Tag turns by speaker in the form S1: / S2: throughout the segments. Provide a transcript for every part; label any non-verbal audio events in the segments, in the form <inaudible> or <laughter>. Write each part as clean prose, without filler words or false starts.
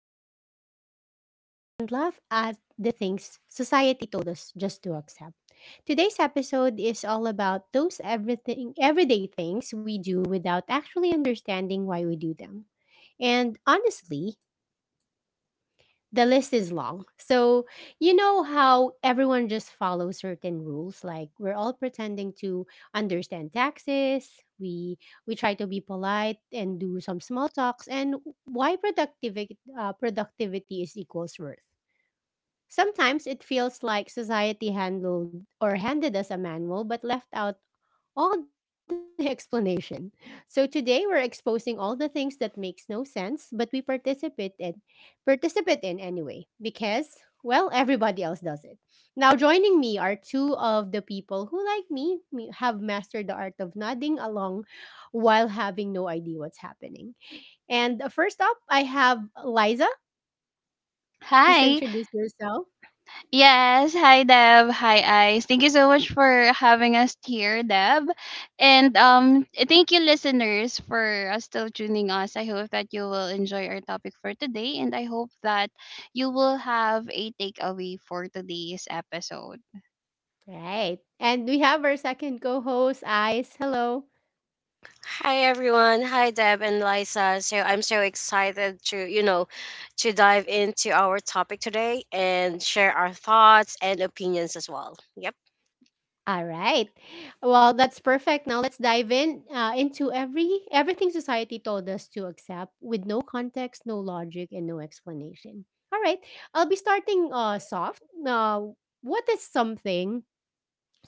S1: everything, and laugh at the things society told us just to accept. Today's episode is all about those everything everyday things we do without actually understanding why we do them. And honestly, the list is long. So, you know how everyone just follows certain rules like we're all pretending to understand taxes, we we try to be polite and do some small talks and why productivity is equals worth. Sometimes it feels like society handled or handed us a manual but left out all the <laughs> explanation. So today we're exposing all the things that makes no sense but we participate in anyway because well everybody else does it. Now joining me are two of the people who like me have mastered the art of nodding along while having no idea what's happening. And first up I have Liza. Please
S2: Hi.
S1: introduce yourself.
S2: Yes. Hi, Deb. Hi, Ice. Thank you so much for having us here, Deb. And thank you, listeners, for still tuning us. I hope that you will enjoy our topic for today, and I hope that you will have a takeaway for today's episode.
S1: Right. And we have our second co host, Ice. Hello.
S3: Hi everyone. Hi Deb and Liza. So I'm so excited to dive into our topic today and share our thoughts and opinions as well. Yep.
S1: All right. Well, that's perfect. Now let's dive in into everything society told us to accept with no context, no logic, and no explanation. All right. I'll be starting soft. Now, what is something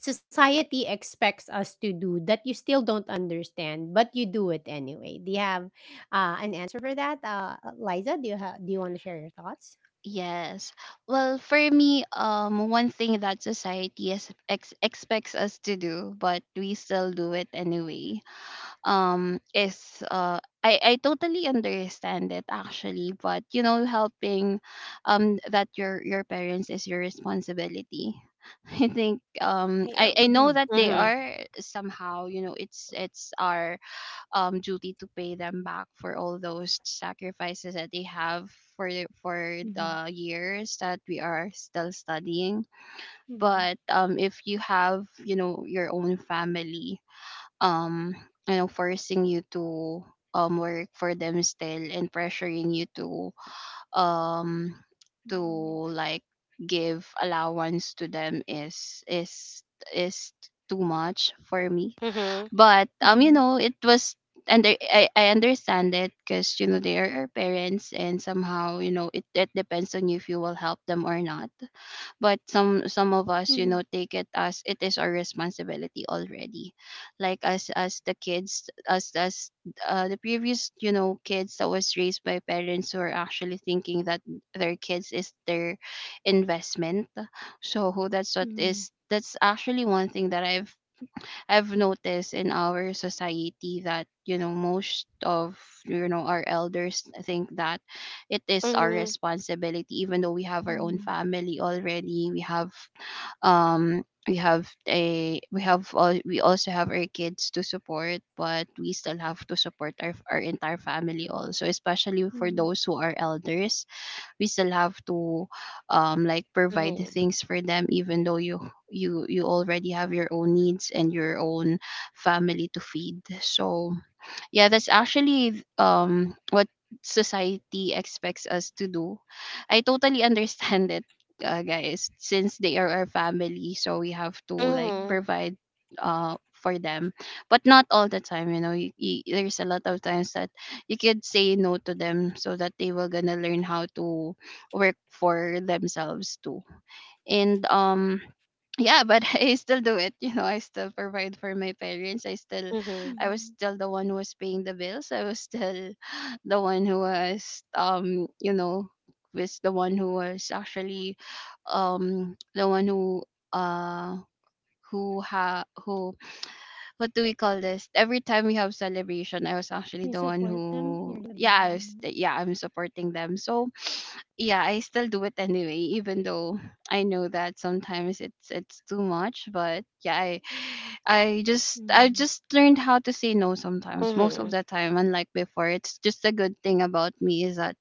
S1: society expects us to do that you still don't understand, but you do it anyway? Do you have an answer for that, Liza? Do do you want to share your thoughts?
S2: Yes. Well, for me, one thing that society expects us to do, but we still do it anyway is I totally understand it, actually, but you know, helping that your parents is your responsibility. <laughs> I think
S1: Mm-hmm.
S2: um I,
S3: Yeah.
S1: Yeah.
S2: I know that they
S3: Mhm.
S2: are somehow, you know, it's our duty to pay them back for all those sacrifices that they have for
S1: Mm-hmm.
S2: for the years that we are still studying.
S1: Mm-hmm.
S2: But if you have, you know, your own family, um you know, forcing you to work for them still and pressuring you to um to like give allowance to them is is too much for me.
S3: Mhm.
S2: But
S1: Mm-hmm.
S2: you know, it was I understand it, because you know, they are our parents, and somehow, you know, it depends on you if you will help them or not. But some of
S1: Mm-hmm.
S2: us, you know, take it as it is our responsibility already, like as the kids, as the previous, you know, kids that was raised by parents who are actually thinking that their kids is their investment. So that's what is that's actually one thing that I've noticed in our society, that you know, most of, you know, our elders think that it is our
S3: Mhm.
S2: responsibility even though we have our
S1: Mm-hmm.
S2: own family already. We have we have a we have all, we also have our kids to support, but we still have to support our entire family also, especially for
S1: Mhm,
S2: those who are elders. We still have to like provide the
S3: Mhm.
S2: things for them, even though you you already have your own needs and your own family to feed. So yeah, that's actually what society expects us to do. I totally <laughs> understand it, guys, since they are our family, so we have to like
S1: mhm,
S3: Mhm.
S2: provide uh for them. But not all the time, you know. There's a lot of times that you could say no to them so that they will gonna learn how to work for themselves too. And yeah, but <laughs> I still do it, you know. I still provide for my parents. i still
S3: Mhm.
S2: i
S1: mhm.
S2: was still the one who was paying the bills. I was still <laughs> <sighs> the one who was you know was the one who was actually the one uh who ha who what do we call this every time we
S1: You
S2: have
S1: support
S2: celebration, I
S1: them,
S2: was
S1: you're the
S2: actually the one
S1: mhm,
S2: who, yeah, I'm supporting them. So yeah, I still do it anyway, even though I know that sometimes it's too much. But yeah,
S1: mm,
S2: I just learned how to say no sometimes, most of
S3: Mhm.
S2: the time, unlike before. It's just a good thing about me is that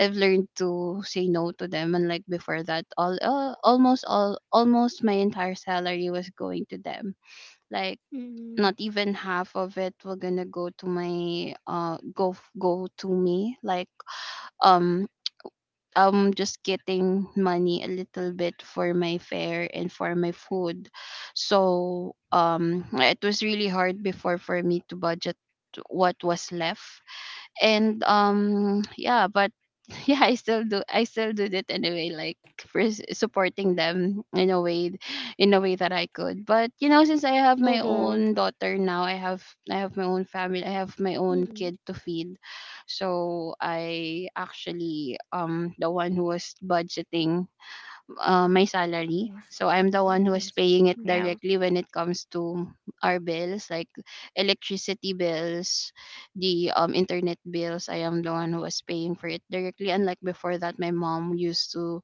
S2: I've learned to say no to them, unlike before that all almost all almost my entire salary was going to them. Like,
S1: mm,
S2: not even half of it were gonna go to my go go to me, like, um I'm just getting money a little bit for my fare and for my food. So it was really hard before for me to budget what was left. And yeah, but <laughs> yeah, I still did it anyway, like supporting them in a way, in a way that I could. But you know, since I have my
S3: Mhm.
S2: own daughter now, I have, I have my own
S1: mhm.
S2: family, I have my own kid to feed. So I actually the one who was budgeting, my
S1: Yes,
S2: salary.
S1: mm,
S2: So
S1: of
S2: I'm the
S1: course.
S2: one who is
S1: Mhm,
S2: paying it
S3: Yeah.
S2: directly when it comes to our bills, like electricity bills, the internet bills. I am the one who was paying for it directly. Unlike before that, my mom used to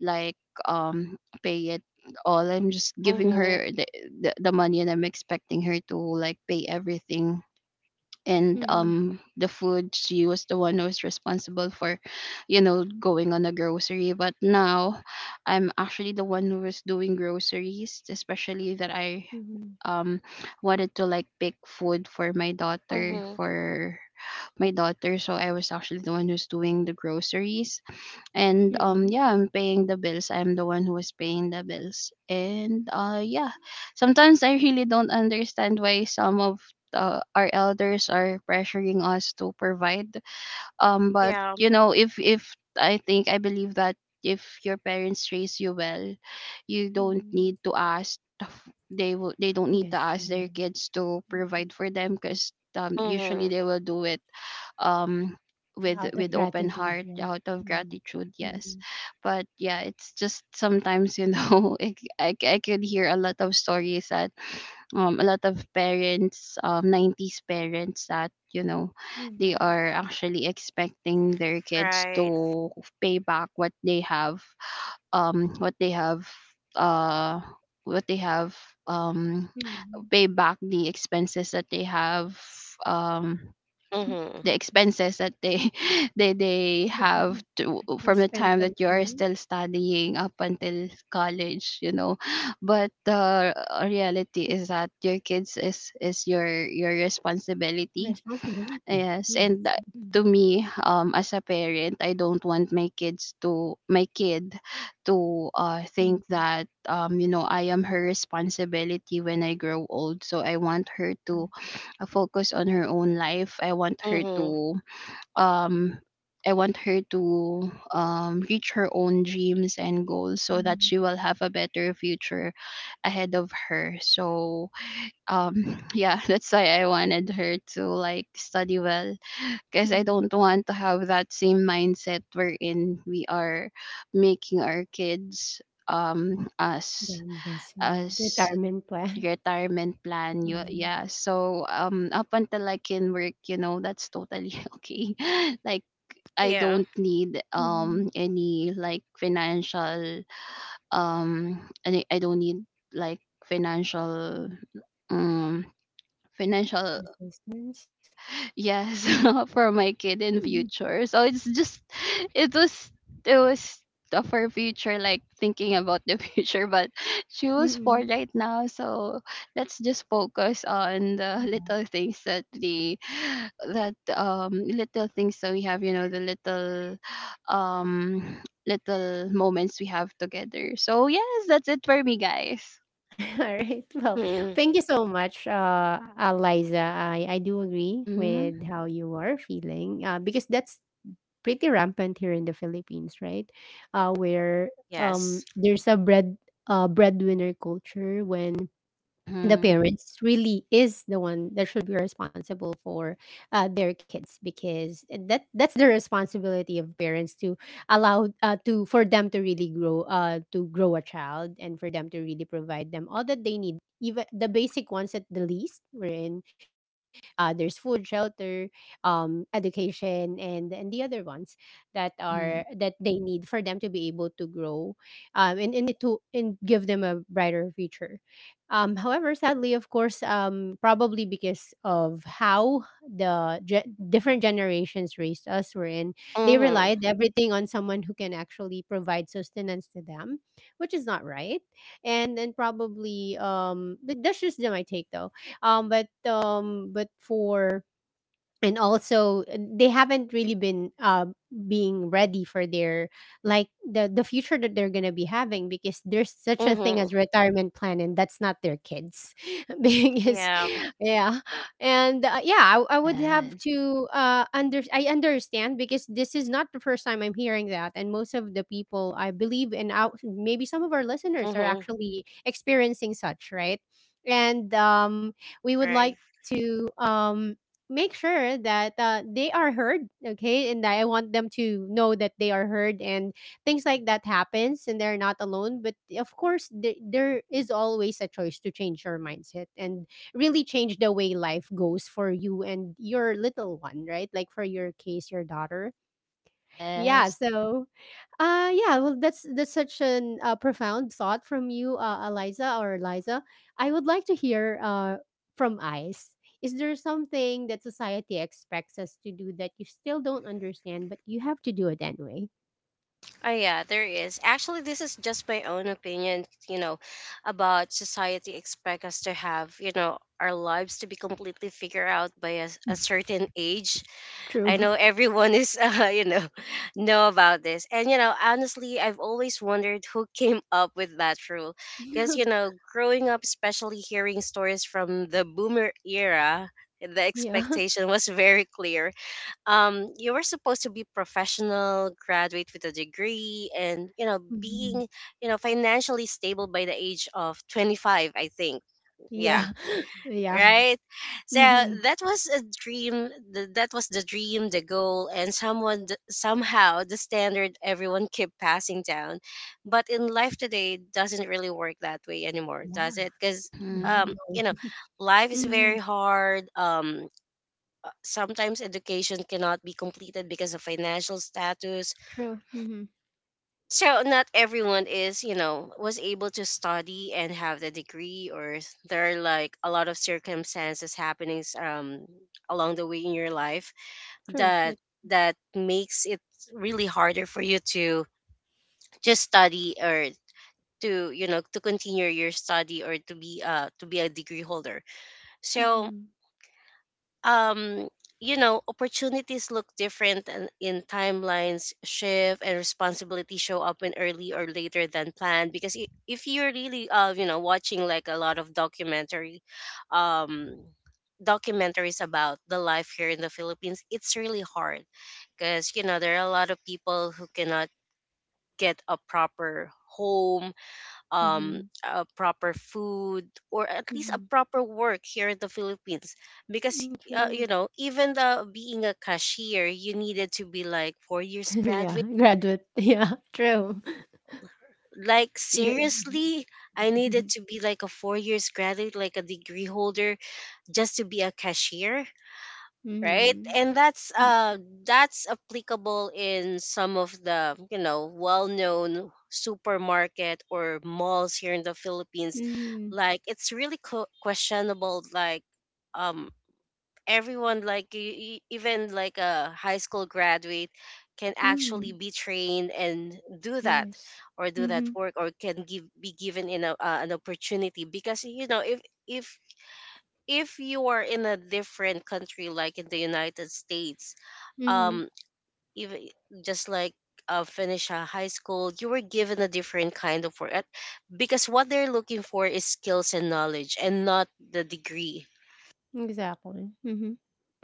S2: like, um, pay it all. I'm just giving
S3: Mhm.
S2: her the money, and I'm expecting her to like pay everything. And
S1: mhm,
S2: the food, she was the one who was responsible for, you know, going on the grocery. But now I'm actually the one who was doing groceries, especially that I
S1: mhm,
S2: um wanted to like pick food for my daughter,
S3: Mhm.
S2: for my daughter. So I was actually the one who's doing the groceries. And
S1: mm,
S2: yeah, I'm paying the bills. I'm the one who is paying the bills. And yeah, sometimes I really don't understand why some of, our elders are pressuring us to provide. But
S3: Yeah.
S2: you know, if I think, I believe that if your parents raise you well, you don't
S1: mm.
S2: need to ask they, will they don't
S1: Yes,
S2: need to
S1: yeah.
S2: ask their kids to
S1: Mm.
S2: provide for them, because usually
S3: Mhm.
S2: they will do it um
S1: Out of
S2: with open
S1: gratitude, right?
S2: heart, out
S1: Mm,
S2: of gratitude.
S1: mhm,
S2: Yes. But yeah, it's just sometimes, you know, <laughs> I, I could hear a lot of stories that a lot of parents, um, 90s parents, that you know, they
S1: mhm,
S2: are actually expecting their kids
S3: Right.
S2: to pay back what they have, what they have uh what they have um
S1: mhm.
S2: pay back the expenses that they have, um
S3: Mhm.
S1: Okay.
S2: the
S1: <laughs>
S2: expenses that they <laughs> they
S1: They
S2: have to,
S1: they
S2: from the
S1: spent
S2: time
S1: on
S2: that you are
S1: you
S2: still studying up until college, you know. But the reality is that your kids is your
S1: responsibility.
S2: responsibility.
S1: Yes.
S2: Yes. And
S1: Mhm,
S2: to me, um, as a parent, I don't want my kids to my kid to
S1: mhm,
S2: think that, um, you know, I am her responsibility when I grow old. So I want her to focus on her own life. I want her
S3: Mhm.
S2: to um I want her to reach her own dreams and goals so that
S1: mhm,
S2: she will have a better future ahead of her. So, <laughs> yeah, that's why I wanted her to like study well, because I
S1: mhm.
S2: don't want to have that same mindset wherein we are making our kids
S1: The
S2: as
S1: investment,
S2: as
S1: retirement plan.
S2: retirement plan. You
S1: Mm.
S2: Yeah. So um, up until I can work, you know, that's totally <laughs> okay <laughs> like, I
S3: Yeah.
S2: don't need um,
S1: Mhm.
S2: any like financial um any I don't need like financial um financial
S1: Resistance.
S2: Yes, <laughs> for my kid in
S1: Mm,
S2: future. So it's just it was it was tough for future, like thinking about the <laughs> future. But she was four
S1: Hmm.
S2: right now, so let's just focus on the little things that the that little things that we have, you know, the little, um, little moments we have together. So yes, that's it for me, guys.
S1: Alright, <laughs> well,
S3: Mhm.
S1: thank you so much, Liza. I do agree with
S2: Mm-hmm.
S1: how you are feeling, because that's pretty rampant here in the Philippines, right? Where
S3: Yes.
S1: there's a bread breadwinner culture when the
S2: Mm-hmm.
S1: parents really is the one that should be responsible for their kids because that's the responsibility of parents to allow to for them to really grow to grow a child and for them to really provide them all that they need even the basic ones at the least wherein there's food shelter, education and the other ones that are
S2: Mm-hmm.
S1: that they need for them to be able to grow, and to and give them a brighter future. However, sadly, of course, probably because of how different generations raised us were in, they
S3: Mhm.
S1: relied everything on someone who can actually provide sustenance to them, which is not right. And then probably, that's just my take, though. But for and also they haven't really been being ready for their like the future that they're gonna be having because there's such a thing
S3: Mhm.
S1: as retirement plan and that's not their kids <laughs> because
S3: Yeah.
S1: yeah. And yeah, I would have
S2: Yes.
S1: to under I understand because this is not the first time I'm hearing that, and most of the people I believe and out maybe some of our listeners are
S3: Mhm.
S1: actually experiencing such, right? and we would like
S3: Right.
S1: to make sure that they are heard, okay, and I want them to know that they are heard and things like that happens and they're not alone. But of course, there is always a choice to change your mindset and really change the way life goes for you and your little one, right? Like for your case, your daughter. Yeah,
S2: Yes.
S1: so yeah, well that's such an profound thought from you, Eliza or Eliza. I would like to hear from Ice. Is there something that society expects us to do that you still don't understand but you have to do it anyway?
S3: Oh yeah, there is. Actually, this is just my own opinion, about society expect us to have, our lives to be completely figured out by a certain age. I know
S1: True.
S3: everyone is, <laughs> know about this. And honestly, I've always wondered who came up with that rule,
S1: <laughs> yeah.
S3: because growing up, especially hearing stories from the boomer era, the expectation was very clear. You were supposed to be professional graduate with a degree and
S1: Mhm.
S3: being financially stable by the age of 25, I think.
S1: Yeah.
S3: Yeah,
S1: <laughs> Yeah.
S3: right. So
S1: Mhm.
S3: that was a dream, that was the dream, the goal, and somehow the standard everyone kept passing down. But in life today it doesn't really work that way anymore, does
S1: Yeah.
S3: it? Because
S1: No.
S2: Mm-hmm.
S3: um you
S1: no.
S3: know
S1: <laughs>
S3: life is very
S1: Mhm.
S3: hard. Sometimes education cannot be completed because of financial status.
S1: True. Mhm.
S3: So not everyone is, was able to study and have the degree, or there are like a lot of circumstances happenings along the way in your life
S1: True.
S3: that
S1: That-
S3: makes it really harder for you to just study, or to continue your study, or to be a degree holder. So
S1: Mhm.
S3: um opportunities look different, and in timelines shift and responsibilities show up in early or later than planned, because if you're really watching like a lot of documentary um documentaries about the life here in the Philippines. It's really hard, because there are a lot of people who cannot get a proper home,
S1: Mhm.
S3: a proper food, or at least a
S1: Mhm.
S3: proper work here in the Philippines. Because
S1: Mm, True.
S3: even the being a cashier, you needed to be like
S1: <laughs>
S3: 4 years
S1: yeah,
S3: graduate.
S1: graduate. <laughs> Yeah, true.
S3: Like,
S1: Mm-hmm.
S3: seriously, I needed to be like a 4 years graduate, like a degree holder, just to be a cashier, right?
S1: Mm-hmm.
S3: And that's applicable in some of the well-known supermarket or malls here in the Philippines.
S1: Mm-hmm.
S3: Like, it's really questionable. Like, um everyone, like, even like a high school graduate can actually
S1: <laughs>
S3: be trained and do that,
S1: Yes.
S3: or do that
S1: Mm-hmm.
S3: work, or can give be given in an opportunity. Because if if if you are in a different country, like in the United States,
S1: Mm-hmm.
S3: um even just like, finish a high school, you were given a different kind of work, because what they're looking for is skills and knowledge and not the degree,
S1: Exactly. Mm-hmm.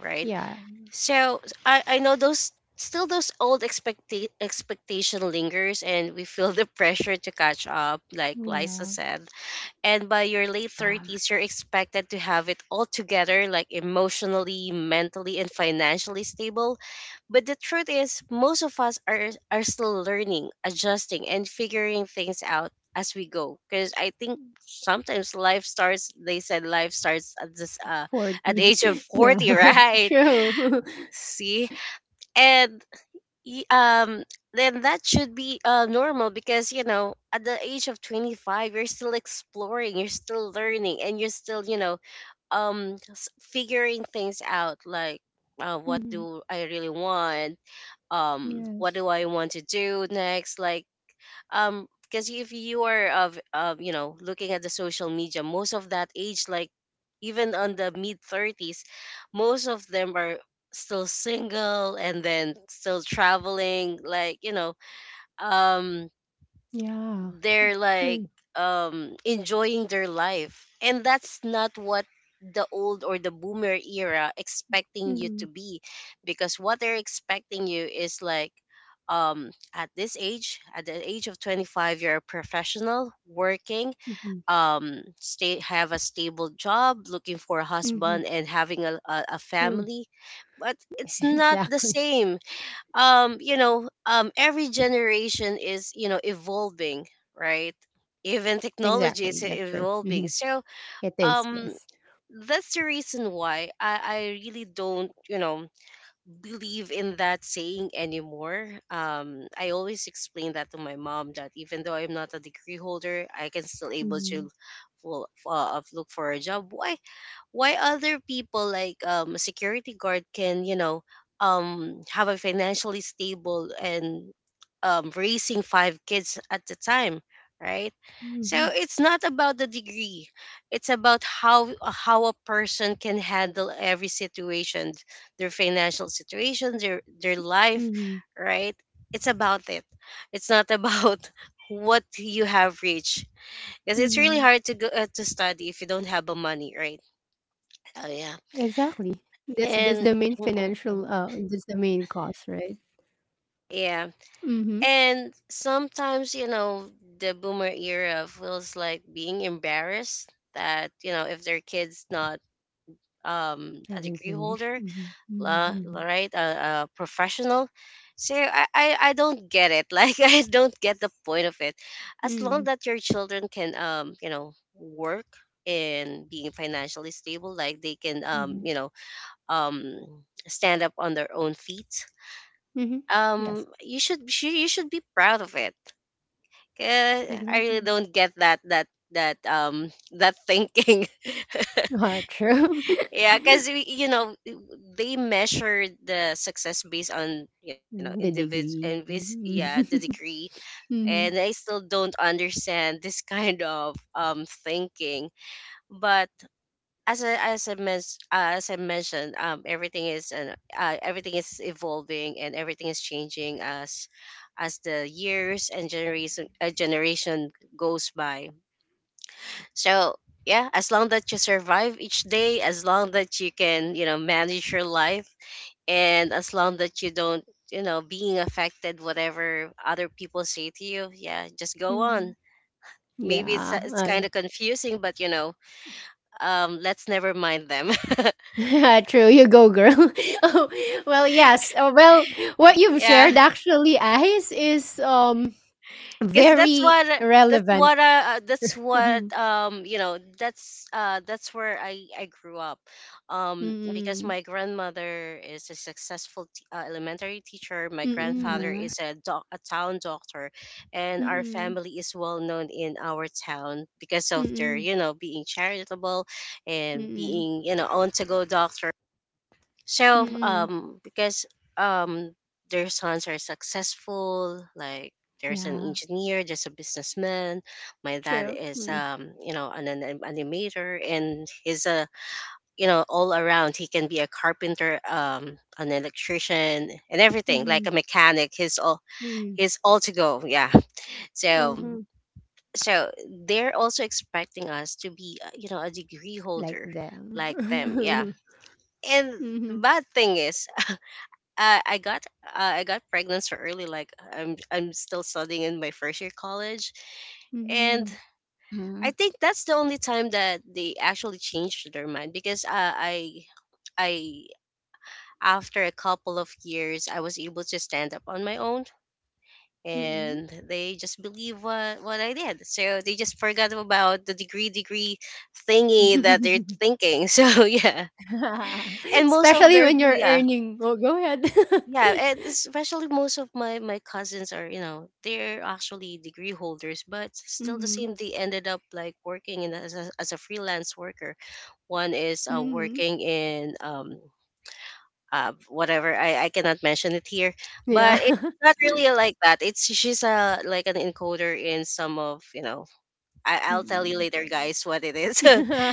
S3: right?
S1: Yeah.
S3: So I know those, still those old expectation lingers, and we feel <laughs> the pressure to catch up, like Lisa
S1: Yeah.
S3: said. And by your late
S2: Yeah.
S3: 30s, you're expected to have it all together, like emotionally, mentally, and financially stable. But the truth is, most of us are still learning, adjusting, and figuring things out as we go. Because I think sometimes life starts, they said life starts at this at the
S1: 40.
S3: age of
S1: <laughs> yeah.
S3: 40, <laughs>
S1: <laughs>
S3: right?
S1: true.
S3: See, and y- um then that should be normal, because at the age of 25, you're still exploring, you're still learning, and you're still, figuring things out, like,
S1: <laughs>
S3: what
S1: mm-hmm.
S3: do I really want? What
S1: Yes.
S3: do I want to do next? Like, because if you are of you know looking at the social media. Most of that age, like even on the mid 30s, most of them are still single and then still traveling, like um
S1: Yeah.
S3: they're like,
S1: True.
S3: enjoying their life, and that's not what the old or the boomer era expecting you
S1: Mm-hmm.
S3: to be. Because what they're expecting you is like, at the age of 25, you're a professional working,
S1: Mm-hmm.
S3: stay have a stable job, looking for a
S1: Mm-hmm.
S3: husband and having
S1: True.
S3: a family.
S1: <laughs>
S3: But
S1: exactly.
S3: it's not the same. Every generation is, evolving, right? Even technology
S1: Exactly.
S3: is
S1: That's true. Mm-hmm.
S3: evolving. So
S1: It is.
S3: um
S1: Yes.
S3: that's the reason why I really don't, believe in that saying anymore. I always explain that to my mom that even though I'm not a degree holder, I can still able
S1: Mm-hmm.
S3: to look for a job. Why? Why other people, like a security guard, can have a financially stable and raising five kids at the time, right?
S1: Mm-hmm.
S3: So it's not about the degree. It's about how a person can handle every situation, their financial situation, their life,
S1: Mm-hmm.
S3: right? It's about it it's not about <laughs> what you have reached. Because it's really
S1: mm-hmm,
S3: hard to go, to study if you don't have the money, right? Oh yeah.
S1: Exactly. That's the main
S3: and
S1: financial
S3: mm,
S1: that's the main cost, right?
S3: yeah.
S1: Mm-hmm.
S3: And sometimes, the boomer era feels like being embarrassed that, if their kids not a
S1: Hasn't
S3: degree
S1: finished.
S3: holder,
S1: Mm-hmm.
S3: la,
S1: Mm-hmm.
S3: right, a professional. So I don't get it. <laughs> Like, I don't get the point of it. As
S1: Mm-hmm.
S3: long that your children can work and being financially stable, like they can
S1: Mm-hmm.
S3: um stand up on their own feet.
S1: Mm-hmm.
S3: um
S1: Yes,
S3: you should, you should be proud of it. Eh, I really
S1: exactly.
S3: don't get that, that thinking.
S1: Ah, true.
S3: <laughs> Yeah,
S1: <laughs>
S3: because they measure the success based on,
S1: the
S3: individual and
S1: degree.
S3: yeah, the degree.
S1: <laughs> mm-hmm.
S3: And I still don't understand this <laughs> kind of thinking. But as I mentioned, everything is an everything is evolving, and everything is changing as the years and generation goes by. So yeah, as long that you survive each day, as long that you can, manage your life, and as long that you don't, being affected whatever other people say to you, yeah, just go
S1: Mm-hmm.
S3: on. Maybe it's
S1: Yeah.
S3: it's kind of confusing, but let's never mind them.
S1: <laughs> True. You go, girl. <laughs> oh, well, yes. Oh, well, what
S3: <laughs>
S1: you've
S3: Yeah,
S1: shared actually, Ice, is
S3: because that's
S1: very
S3: what that's
S1: relevant.
S3: what that's what
S1: <laughs>
S3: you know that's where I grew up. Because
S1: Mm-hmm.
S3: my grandmother is a successful elementary teacher, my
S1: Mm-hmm.
S3: grandfather
S2: Mhm.
S3: is a town doctor, and our
S1: Mm,
S3: family is well known in our town because of their,
S1: mm,
S3: being charitable, and
S1: mm,
S3: being, on to go doctor. So,
S1: mm.
S3: because um, their sons are successful, like there's an
S1: Yeah,
S3: engineer, there's a businessman. My dad
S1: true.
S3: is,
S1: Mm,
S3: an animator, and he's all around. He can be a carpenter, an electrician, and everything, like
S1: mhm,
S3: a mechanic.
S1: mm,
S3: He's all to go. Yeah. <laughs> So,
S1: mhm.
S3: so they're also expecting us to be, a degree
S1: Like
S3: holder like them.
S1: them.
S3: Yeah.
S1: <laughs>
S3: And
S1: Mhm,
S3: the bad thing is, I got pregnant so early. Like, I'm still studying in my first year college, and
S1: mhm,
S3: I
S2: Mhm.
S3: think that's the only time that they actually changed their mind. Because I after a couple of years, I was able to stand up on my own,
S1: mm.
S3: and they just believe what I did. So they just forgot about the degree thingy that they're thinking. <laughs> So yeah.
S1: <laughs>
S3: And most of
S1: Especially
S3: their,
S1: when you're
S3: yeah.
S1: earning. Oh, go ahead.
S3: Yeah,
S1: <laughs>
S3: and especially most of my cousins are, they're actually degree holders, but still the
S1: Mhm,
S3: same. They ended up like working in as a freelance worker. One is
S1: mhm.
S3: working in whatever, I cannot mention it here,
S1: Yeah.
S3: but it's
S1: <laughs>
S3: not really like that. It's she's a like an encoder in some of. I'll tell you
S1: Mm.
S3: later, guys, what it is. <laughs> Still,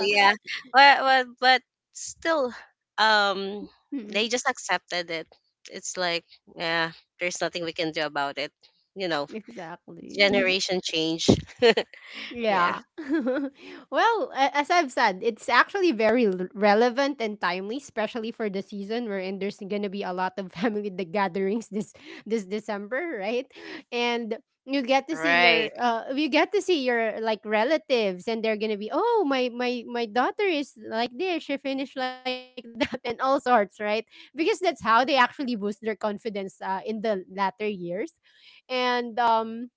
S3: yeah. But, still, um, they
S1: Mm,
S3: just accepted it. It's like, yeah, there's nothing we can do about it. You
S1: <laughs>
S3: know,
S1: exactly. Mm-hmm.
S3: generation change. <laughs> Yeah.
S1: Yeah. <laughs> well, as I've said, it's actually very relevant and timely, especially for the season wherein there's gonna be a lot of <laughs> family the gatherings this December, right? And you get to see
S3: Right.
S1: you get to see your like relatives and they're gonna be oh my daughter is like this, she finished like that, <laughs> and all sorts, right? Because that's how they actually boost their confidence in the latter years. And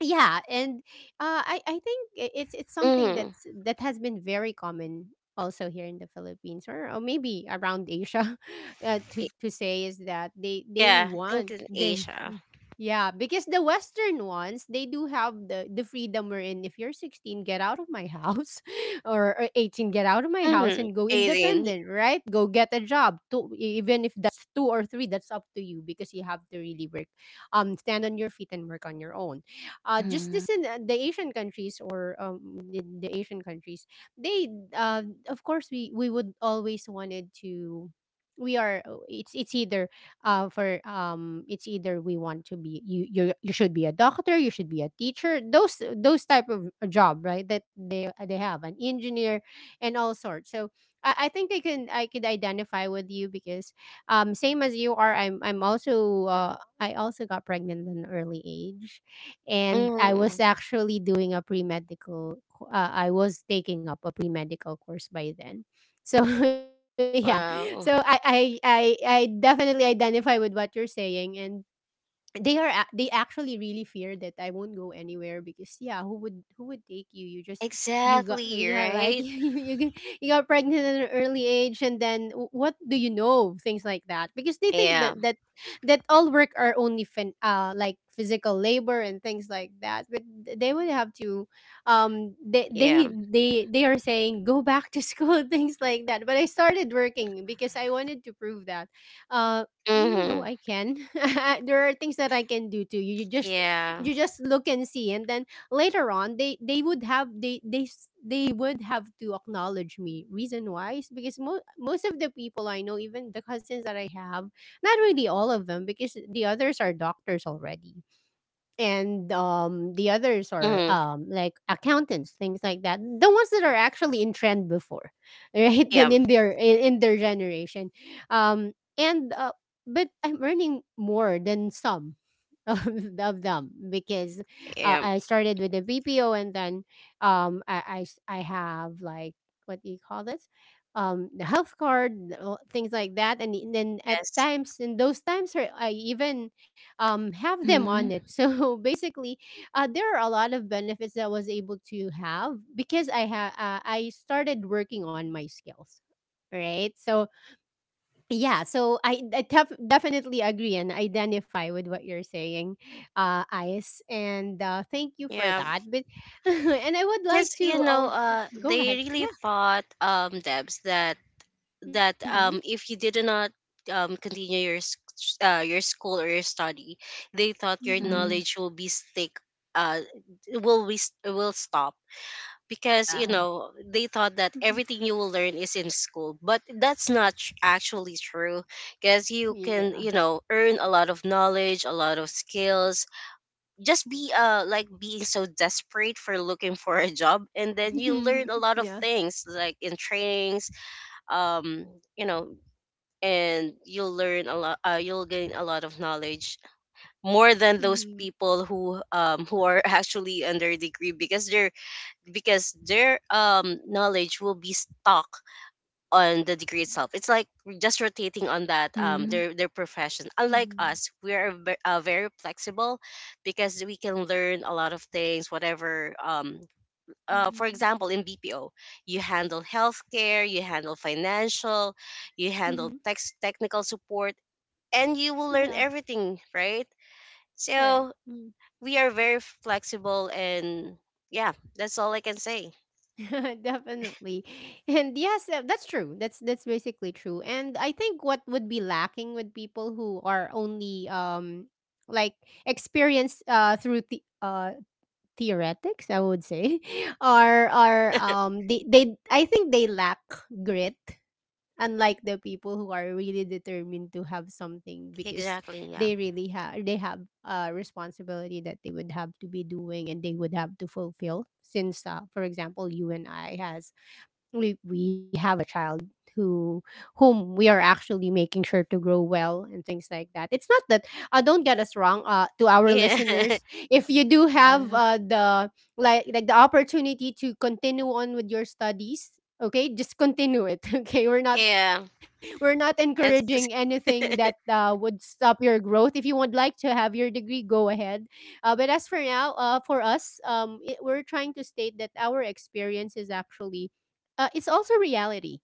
S1: yeah, and I think, it's something
S3: Mm-hmm.
S1: that's that has been very common also here in the Philippines, or maybe around Asia. <laughs> To say is that they
S3: Yeah, I think
S1: want
S3: in
S1: they
S3: Asia.
S1: yeah, because the western ones, they do have the freedom wherein if you're 16, get out of my house, <laughs> or 18, get out of my
S3: Mm-hmm.
S1: house and go
S3: 18.
S1: independent, right? Go get a job to, e, even if that's two or three, that's up to you because you have to really work, stand on your feet and work on your own. Just this
S2: Mhm.
S1: in the Asian countries, or the Asian countries, they, of course, we would always wanted to. We are, it's either for it's either we want to be you should be a doctor, you should be a teacher, those type of, job, right? That they, they have an engineer and all sorts. So I think I can, I could identify with you because same as you are, I also got pregnant at an early age and I
S3: Mm-hmm.
S1: was actually doing a pre medical. I was taking up a pre medical course by then. So <laughs> yeah, so
S3: Wow.
S1: I definitely identify with what you're saying, and they actually really fear that I won't go anywhere because yeah, who would take you? You just you got
S3: Exactly,
S1: yeah like <laughs>
S3: right?
S1: you got pregnant at an early age and then what do you know? Things like that because they think
S3: Yeah,
S1: that all work are only like physical labor and things like that, but they would have to
S3: yeah.
S1: they are saying go back to school, <laughs> things like that, but I started working because I wanted to prove that, uh, Mm,
S3: Mm-hmm.
S1: no, I can. <laughs> there are things that I can do too.
S3: Yeah.
S1: You just look and see, and then later on, they would have to acknowledge me. Reason why is because most of the people I know, even the cousins that I have, not really all of them, because the others are doctors already, and the others are
S3: Mm-hmm.
S1: like accountants, things like that, the ones that are actually in trend before, <laughs> right?
S3: Yeah,
S1: Then in their in their generation. Um and but I'm earning more than some <laughs> of, of them because,
S3: yeah.
S1: I started with the BPO and then I have like what do you call this, the health card, things like that and then at
S3: Yes.
S1: times in those times or I even, have them on
S2: Mhm.
S1: it. <laughs> So basically, there are a lot of benefits that I was able to have because I started working on my skills. Right. So yeah. So definitely agree and identify with what you're saying, Ice. And thank you for
S3: Yeah.
S1: that. But <laughs> and I would like
S3: Because you
S1: to
S3: know,
S1: all go
S3: they
S1: ahead.
S3: really
S1: Yeah.
S3: thought, Debs, that
S1: Mm-hmm.
S3: if you did not continue your your school or your study, they thought your
S1: Mm-hmm.
S2: Mhm.
S3: knowledge will be stick, uh will be will stop, because
S2: Yeah.
S3: you know they thought that
S1: Mm-hmm.
S3: everything you will learn is in school, but that's not actually true. Because you
S1: Yeah.
S3: can, you know, earn a lot of knowledge, a lot of skills, just be like being so desperate for looking for a job, and then you
S1: <laughs>
S3: learn a lot of
S1: yeah.
S3: things, like in trainings. um you know and you'll learn a lot, you'll gain a lot of knowledge more than those
S1: Mm-hmm.
S3: people who are <laughs> actually under degree because their knowledge will be stuck on the degree itself. It's like just rotating on that,
S2: Mhm.
S3: their profession. Unlike
S1: Mm-hmm.
S3: us, we are very flexible because we can learn a lot of things. Whatever for
S1: Mm-hmm.
S3: example, in BPO, you handle healthcare, you handle financial, you handle
S1: Mm-hmm.
S3: technical support, and you will learn
S1: Yeah.
S3: everything, right?
S1: Correct.
S3: So
S1: Mm.
S3: we are very flexible, and yeah, that's all I can say.
S1: <laughs> Definitely. And yes, that's true. That's basically true. And I think what would be lacking with people who are only like experienced through the theoretics, I would say, <laughs> are they I think they lack grit, unlike the people who are really determined to have something because
S3: Exactly. Yeah.
S1: they have a responsibility that they would have to be doing and they would have to fulfill since for example, you and I has, we have a child who whom we are actually making sure to grow well and things like that. It's not that, don't get us wrong, to our
S3: Yeah.
S1: listeners, if you do have
S2: Yes.
S1: the like the opportunity to continue on with your studies, okay, just continue it. <laughs> Okay, we're not,
S3: <laughs> Yeah.
S1: we're not encouraging
S3: That's
S1: anything that
S3: <laughs>
S1: would stop your growth. If you would like to have your degree, go ahead. But as for now, for us, we're trying to state that our experience is actually, it's also reality,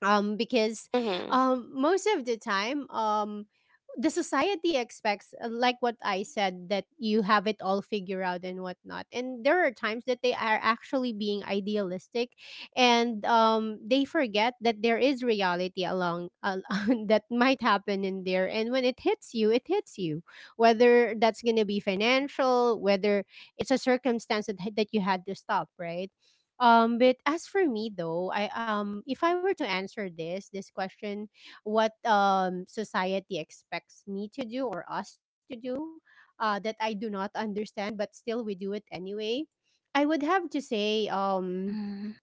S1: because
S3: Mm-hmm.
S1: most of the time, the society expects, like what I said, that you have it all figured out and whatnot, and there are times that they are actually being idealistic and they forget that there is reality along, <laughs> that might happen in there, and when it hits you, it hits you, whether that's going to be financial, whether it's a circumstance that, that you had to stop, right? But as for me though, I if I were to answer this question, what society expects me to do or us to do, that I do not understand, but still we do it anyway. I would have to say,
S2: Mhm.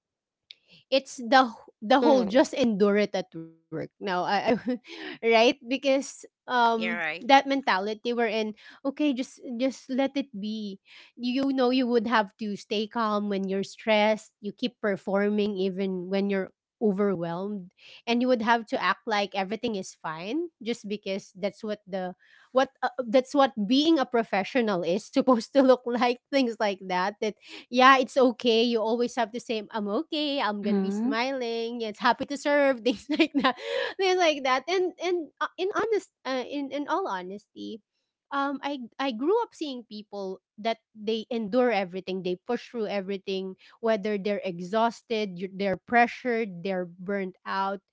S1: it's the whole
S3: Mm-hmm.
S1: just endure it at work now. I <laughs> right? Because
S3: You're right.
S1: that mentality we're in, okay, just let it be. You know, you would have to stay calm when you're stressed, you keep performing even when you're overwhelmed, and you would have to act like everything is fine just because that's what the, what that's what being a professional is <laughs> supposed to look like, things like that. Yeah, it's okay. You always have to say, "I'm okay. I'm gonna be
S2: Mhm.
S1: smiling. It's happy to serve." <laughs> Things like that, things like that. And in honest, in all honesty, I grew up seeing people that they endure everything. They push through everything, whether they're exhausted, they're pressured, they're burnt out,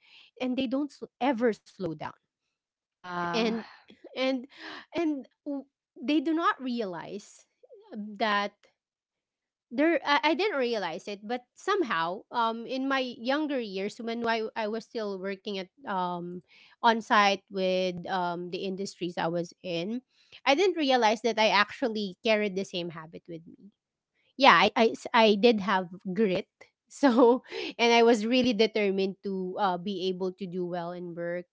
S1: and they don't ever slow down.
S2: Yeah.
S1: And and and w- they do not realize that there I didn't realize it, but somehow in my younger years when I was still working at on site with the industries I was in, I didn't realize that I actually carried the same habit with me. Yeah, I did have grit. <laughs> So, and I was really determined to be able to do well in work,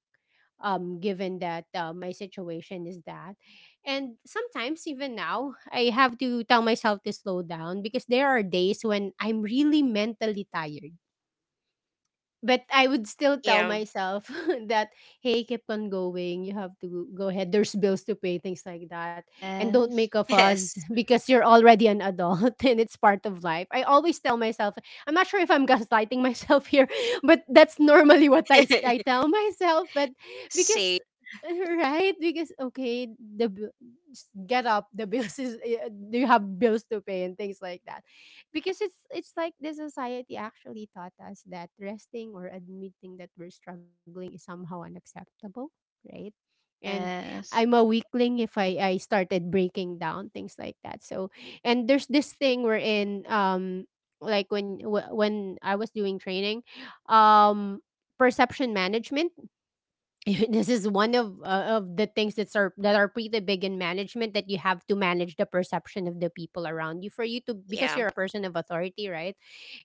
S1: given that my situation is that. And sometimes, even now, I have to tell myself to slow down because there are days when I'm really mentally tired, but I would still tell
S3: Yeah.
S1: myself <laughs> that, hey, keep on going. You have to go ahead. There's bills to pay, things like that, and don't
S2: Yes.
S1: make a fuss,
S3: Yes.
S1: <laughs> because you're already an adult <laughs> and it's part of life. I always tell myself. I'm not sure if I'm <laughs> gaslighting myself here, <laughs> but that's normally what I
S3: <laughs>
S1: tell myself. But
S3: See.
S1: because, <laughs> right, because okay, get up the <laughs> bills is, eh, do you have bills to pay and things like that? Because it's like the society actually taught us that resting or admitting that we're struggling is somehow unacceptable, right? And I'm
S2: Yes.
S1: a weakling if I started breaking down, things like that. So, and there's this thing we're in, like when when I was doing training, um perception management. <laughs> This is one of the things that are pretty big in management, that you have to manage the perception of the people around you for you to, because
S3: Yeah.
S1: you're a person of authority, right?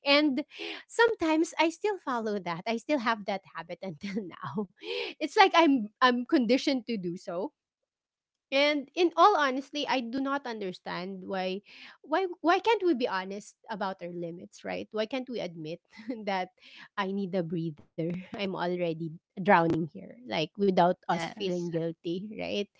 S1: And sometimes I still follow that, I still have that habit until <laughs> now. It's like I'm conditioned to do so. And in all honestly, I do not understand why, why can't we be honest about our limits, right? Why can't we admit <laughs> that I need a breather? <laughs> I'm already drowning here, like without us
S2: Yes.
S1: feeling guilty, right?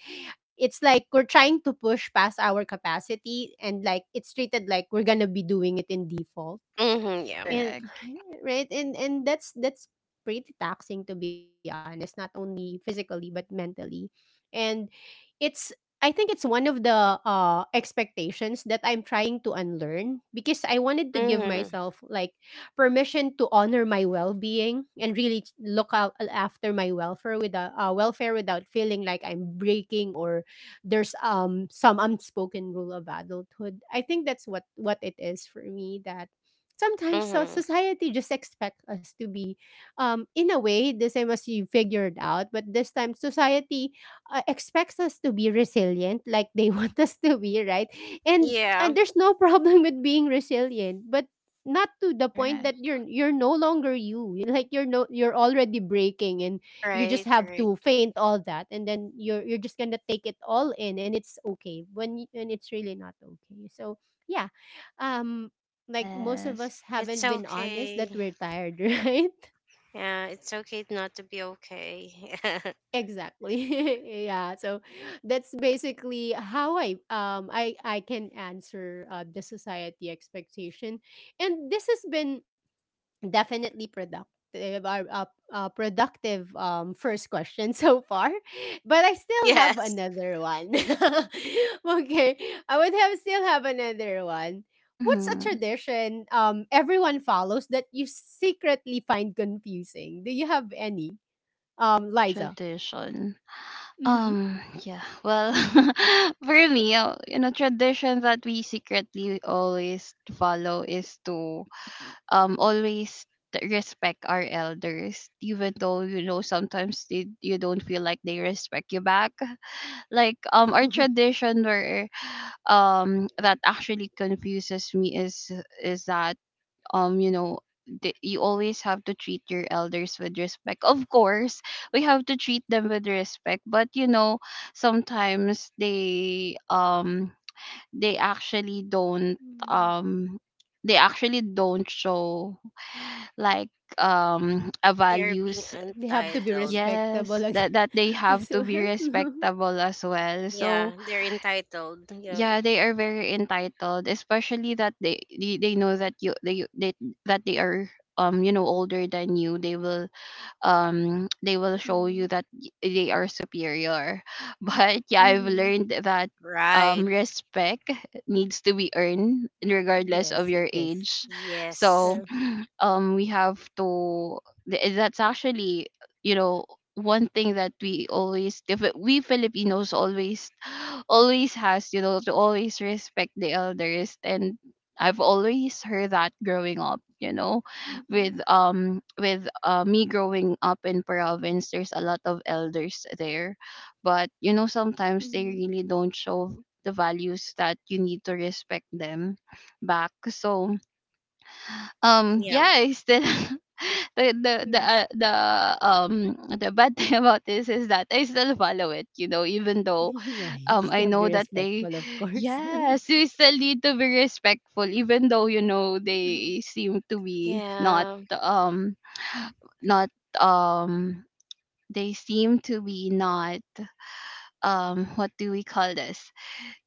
S1: It's like we're trying to push past our capacity, and like it's treated like we're going to be doing it in default,
S3: Mm-hmm. Yeah.
S1: and
S2: Correct.
S1: <laughs> right, and that's pretty taxing, to be honest, not only physically but mentally. And it's, I think it's one of the expectations that I'm trying to unlearn, because I wanted to give
S3: Mm-hmm.
S1: myself like permission to honor my well-being and really look out after my welfare without feeling like I'm breaking, or there's some unspoken rule of adulthood. I think that's what it is for me, that sometimes so
S3: Mm-hmm.
S1: society just expect us to be in a way the same as you figured out, but this time society expects us to be resilient like they <laughs> want us to be, right? and
S3: Yeah.
S1: and there's no problem with being resilient, but not to the point that
S2: Correct.
S1: you're no longer you. Like you're no, you're already breaking, and you just
S3: Right.
S1: have
S3: Right.
S1: to faint all that, and then you're just gonna take it all in, and it's okay when when it's really not okay. So yeah, um like most of
S2: Yes.
S1: us
S3: It's
S1: haven't been honest
S3: okay.
S1: that we're tired, <laughs> right?
S3: Yeah. It's okay not to be okay. <laughs>
S1: Exactly. <laughs> Yeah. So that's basically how I can answer the society expectation, and this has been definitely productive, our productive first question so far. <laughs> But I still have
S3: Yes.
S1: another one. <laughs> Okay, I would have another one. What's a
S2: Mhm.
S1: tradition everyone follows that you secretly find confusing? Do you have any, Liza?
S2: Tradition.
S1: Mm-hmm.
S2: Yeah. Well, <laughs> for me, you know, tradition that we secretly always follow is to always respect our elders even though, you know, sometimes you don't feel like they respect you back. <laughs> Like, um, our
S1: <laughs>
S2: tradition where, um, that actually confuses me is that um, you know, you always have to treat your elders with respect. Of course, we have to treat them with respect. But you know, sometimes they um, they actually don't
S1: Mm.
S2: um they actually don't show like um, a
S3: They're
S1: They
S3: being
S2: values.
S1: have to be
S3: entitled.
S1: respectable again
S2: Yes, that
S1: <laughs>
S2: that
S1: as
S2: they have
S1: well.
S2: to be
S1: <laughs>
S2: respectable as well. So
S3: Yeah. They're entitled. Yeah.
S2: yeah, they are very entitled, especially that they know that you they that they are um, you know, older than you. They will they will show you that they are superior. <laughs> But yeah, I've
S1: Mm-hmm.
S2: learned that um,
S3: Right.
S2: respect needs to be earned regardless
S1: Yes,
S2: of
S1: it
S2: your
S1: is
S2: age.
S3: Yes.
S2: So
S1: true.
S2: um, we have to that's actually, you know, one thing that we always if it- we Filipinos always, always has, you know, to always respect the elders. And I've always heard that growing up, you know,
S1: Mm-hmm.
S2: with um, with me growing up in province, there's a lot of elders there. But you know, sometimes they really don't show the values that you need to respect them back. So um,
S3: Yeah.
S2: yeah, I still <laughs> the the the
S1: Yes.
S2: uh, the the bad <laughs> thing about this is that I still follow it, you know, even
S1: <laughs>
S2: though
S1: Yeah, you
S2: um,
S1: still
S2: I
S1: be
S2: know that
S1: respectful,
S2: they,
S1: of course.
S2: yes,
S1: <laughs>
S2: we still need to be respectful, even though, you know, they seem to be not
S3: Yeah.
S2: um, not um they seem to be not um, what do we call this,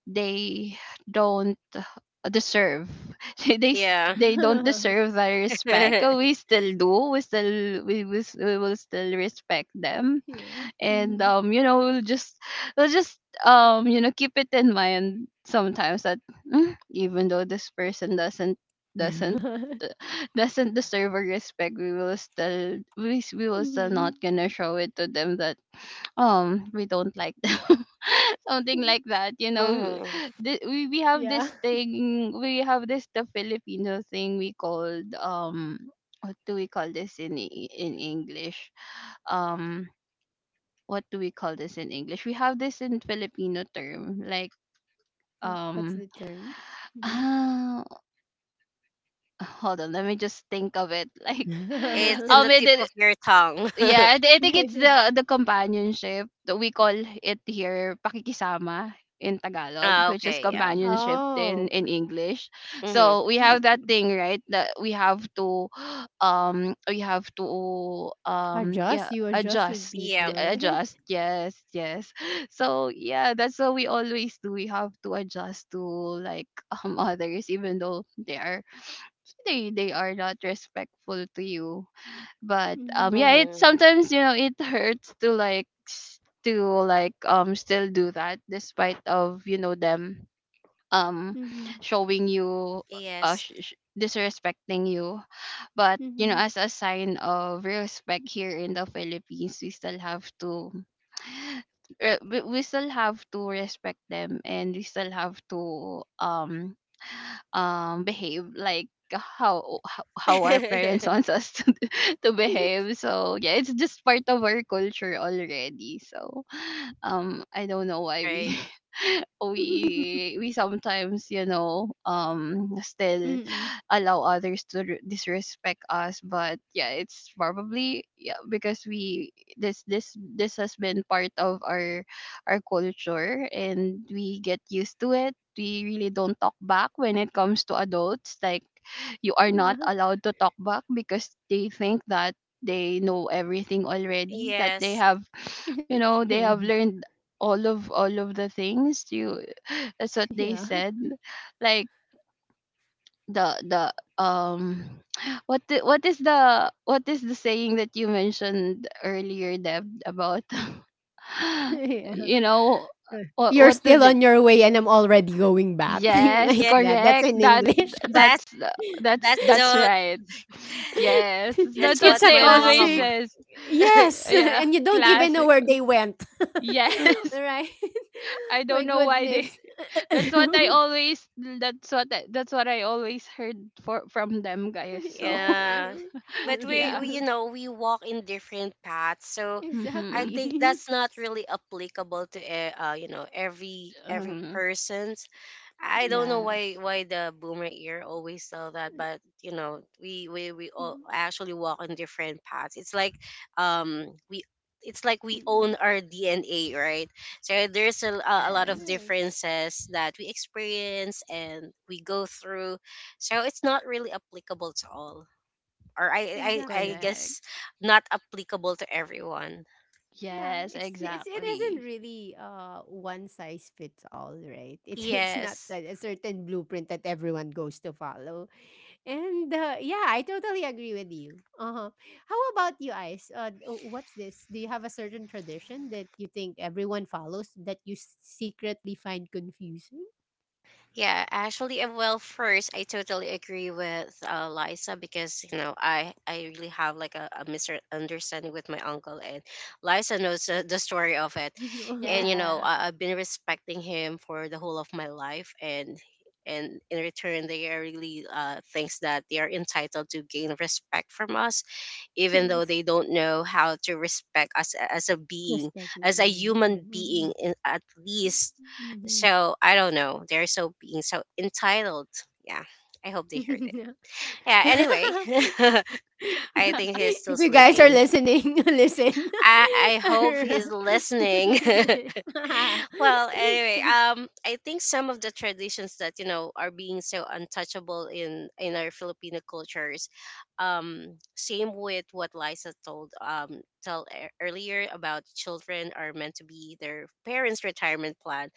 S2: they don't deserve. <laughs>
S3: Yeah.
S2: They don't deserve that
S3: <laughs>
S2: respect. We still do, we will, we will still respect them.
S1: Yeah.
S2: And
S1: Mm-hmm.
S2: um, you know, We'll just keep it in mind sometimes that, "Mm, even though this person
S1: <laughs>
S2: doesn't
S1: Mm-hmm.
S2: uh, doesn't deserve our respect, we will still not gonna show it to them that we don't like them," <laughs> something like that, you know.
S3: Mm-hmm.
S2: We have this
S1: Yeah.
S2: thing, we have this the filipino thing we called, what do we call this in english? um what do we call this in english? We have this in filipino term, like,
S1: W- What's
S2: um.
S1: the term?
S2: <laughs>
S1: Mhm.
S2: Ah, hold on, let me just think of it. <laughs> Like,
S3: It's in
S1: <laughs>
S2: um,
S3: the
S2: it,
S3: tip of your tongue. <laughs>
S2: yeah, I think it's the companionship that we call it here, pakikisama in Tagalog, which is
S3: Okay. Yeah.
S2: companionship in
S1: Oh,
S2: English.
S3: Mm-hmm.
S2: So we have that
S1: mm,
S2: thing, right? That we have to <gasps> we have to
S1: adjust.
S2: yeah,
S1: You adjust with
S2: adjust.
S1: people,
S3: Yeah.
S1: right?
S2: Adjust, yes, yes. <laughs> So yeah, that's what we always do. We have to adjust to, like, <laughs> others, even though they are, they are not respectful to you, but
S1: Mm-hmm.
S2: yeah, it
S3: Mm-hmm.
S2: sometimes, you know, it hurts to like still do that despite of, you know, them um
S1: Mm-hmm.
S2: showing you,
S3: Yes.
S2: disrespecting you. But you know,
S1: Mm-hmm.
S2: as a sign of respect here in the philippines, we still have to we still have to respect them, and we still have to behave like how our parents <laughs> wants
S3: <laughs>
S2: us to <laughs> to behave. So yeah, it's just part of our culture already. So <laughs> I don't know why we
S3: Right.
S2: <laughs>
S1: <laughs>
S2: we sometimes, you know, still
S1: Mm-mm.
S2: allow others to disrespect us. But yeah, it's probably, yeah, because we, this has been part of our culture, and we get used to it. We really don't talk back when it comes to adults, like, you are not
S1: Yeah.
S2: allowed to talk back because they think that they know everything already, that they
S3: Yes.
S2: have,
S1: <laughs>
S2: you know,
S1: True.
S2: they have learned all of the things, you, that's what
S1: Yeah.
S2: they said, like, the um, <sniffs> <sighs> what the, what is the what is the saying that you mentioned earlier, Deb, about,
S1: <laughs>
S2: <laughs>
S1: Yeah.
S2: you know,
S1: You're
S2: what do
S1: still
S2: the
S1: on your way and I'm already going back. <laughs> Things
S2: yes,
S1: like
S3: Yeah.
S1: that. That's
S2: correct,
S1: in
S2: that,
S1: English. <laughs>
S3: That's
S2: that's
S3: that's
S2: that's
S3: the
S2: right. <laughs> Yes, that's
S3: that's
S2: what
S3: what
S1: It's a
S2: they
S3: my
S2: always
S3: mom.
S1: classic.
S2: says.
S3: <laughs>
S1: Yes. <laughs>
S2: Yeah,
S1: And you don't even know
S2: classic.
S1: where they went.
S2: <laughs> Yes.
S1: <laughs> Right?
S2: I
S1: <laughs> My
S2: don't know why they.
S1: goodness.
S2: <laughs> That's
S1: <coughs>
S2: what I always. That's what I always heard for from them, guys. So
S1: Yeah,
S3: Yeah.
S1: right? <laughs>
S3: But
S2: <laughs>
S3: we,
S2: yeah.
S3: we,
S1: Like,
S3: you know, we walk in different paths, so I
S2: Mm-hmm.
S3: think
S1: exactly. <laughs>
S3: that's not really applicable to, every
S2: Um,
S3: person. I don't know
S1: Yeah.
S2: yes.
S3: why the boomer ear always tell that, but you know, we
S1: Mm,
S3: all
S1: mm,
S3: actually walk on different paths. Um we it's like
S1: mm.
S3: we own our DNA, right? So there's a lot of
S2: Yes.
S1: Yes.
S3: differences that we experience and we go through. So it's not really applicable to all, or I
S1: Exactly.
S2: Correct.
S3: guess not applicable to everyone.
S1: Yeah,
S2: Yes.
S1: it's, it isn't
S2: Exactly.
S1: really one size fits all, right? <laughs> It's not
S3: Yes.
S1: that a certain blueprint that everyone goes to follow. And yeah, I totally agree with you. Uh-huh. How about you, Ice? Oh, what's this? Do you have a certain tradition that you think everyone follows that you secretly find confusing?
S3: Yeah, actually, well, first, I totally agree with Liza, because you know I really have like a misunderstanding with my uncle, and Liza knows, the story of it,
S1: <laughs> Uh-huh.
S3: and you know
S2: Yeah.
S3: I've been respecting him for the whole of my life, and in return they are really, thinks that they are entitled to gain respect from us even though
S1: Yes,
S3: they don't know how to respect us as a being,
S1: respect.
S3: as a human
S1: Mm-hmm.
S3: being, in, at least.
S1: Mm-hmm.
S3: So I don't know. They're so being so entitled. Yeah. I hope they heard
S1: <laughs>
S3: it.
S1: Yeah.
S3: Yeah. Anyway,
S1: <laughs>
S3: <laughs> I think
S1: <laughs>
S3: he's still
S1: If you guys are
S3: sleeping.
S1: listening, <laughs> listen.
S3: I hope he's
S1: <laughs>
S3: listening. <laughs> Well, anyway, I think some of the traditions that you know are being so untouchable in our Filipino cultures, same with what Liza told tell earlier, about children are meant to be their parents retirement plan.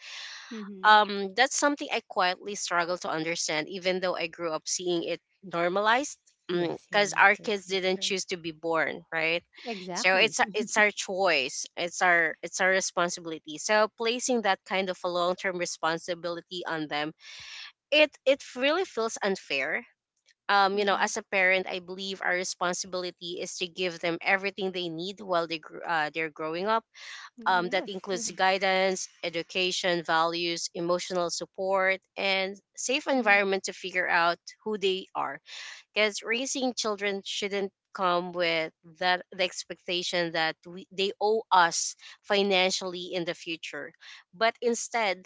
S1: Mhm.
S3: That's something I quietly struggle to understand, even though I grew up seeing it normalized.
S1: Yes, here
S3: Because
S1: in
S3: our
S1: the
S3: kids
S1: Philippines,
S3: didn't
S1: true.
S3: choose to be born, right? So
S1: Exactly.
S3: it's
S1: <laughs>
S3: our choice, it's our responsibility. So placing that kind of a long term responsibility on them, it really feels unfair. You know,
S1: Hmm.
S3: as a parent, I believe our responsibility is to give them everything they need while they they're growing up,
S1: Yes. Uh-huh.
S3: that includes guidance, education, values, emotional support, and safe
S1: Yes.
S3: environment to figure out who they are. Because raising children shouldn't come with that the expectation that they owe us financially in the future, but instead,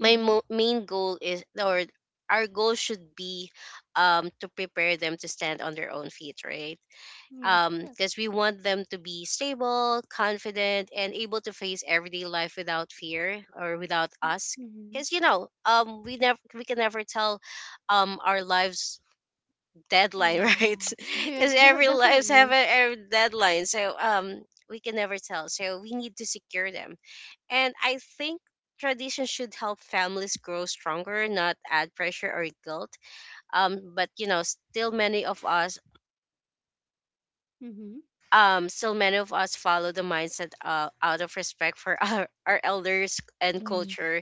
S3: my main goal is, or our goal should be, to prepare them to stand on their own feet, right?
S1: Yes, correct.
S3: Because we want them to be stable, confident, and able to face everyday life without fear or without us. Because
S1: Mm-hmm.
S3: you know, we can never tell our lives deadline, <laughs>
S1: Yeah.
S3: right?
S1: <laughs> Yeah,
S3: Because every lives have
S1: definitely.
S3: a deadline, so we can never tell. So we need to secure them, and I think tradition should help families grow stronger, not add pressure or guilt. But you know, still many of us
S1: Mm-hmm.
S3: still many of us follow the mindset, out of respect for <laughs> our elders and
S1: Yes.
S3: culture.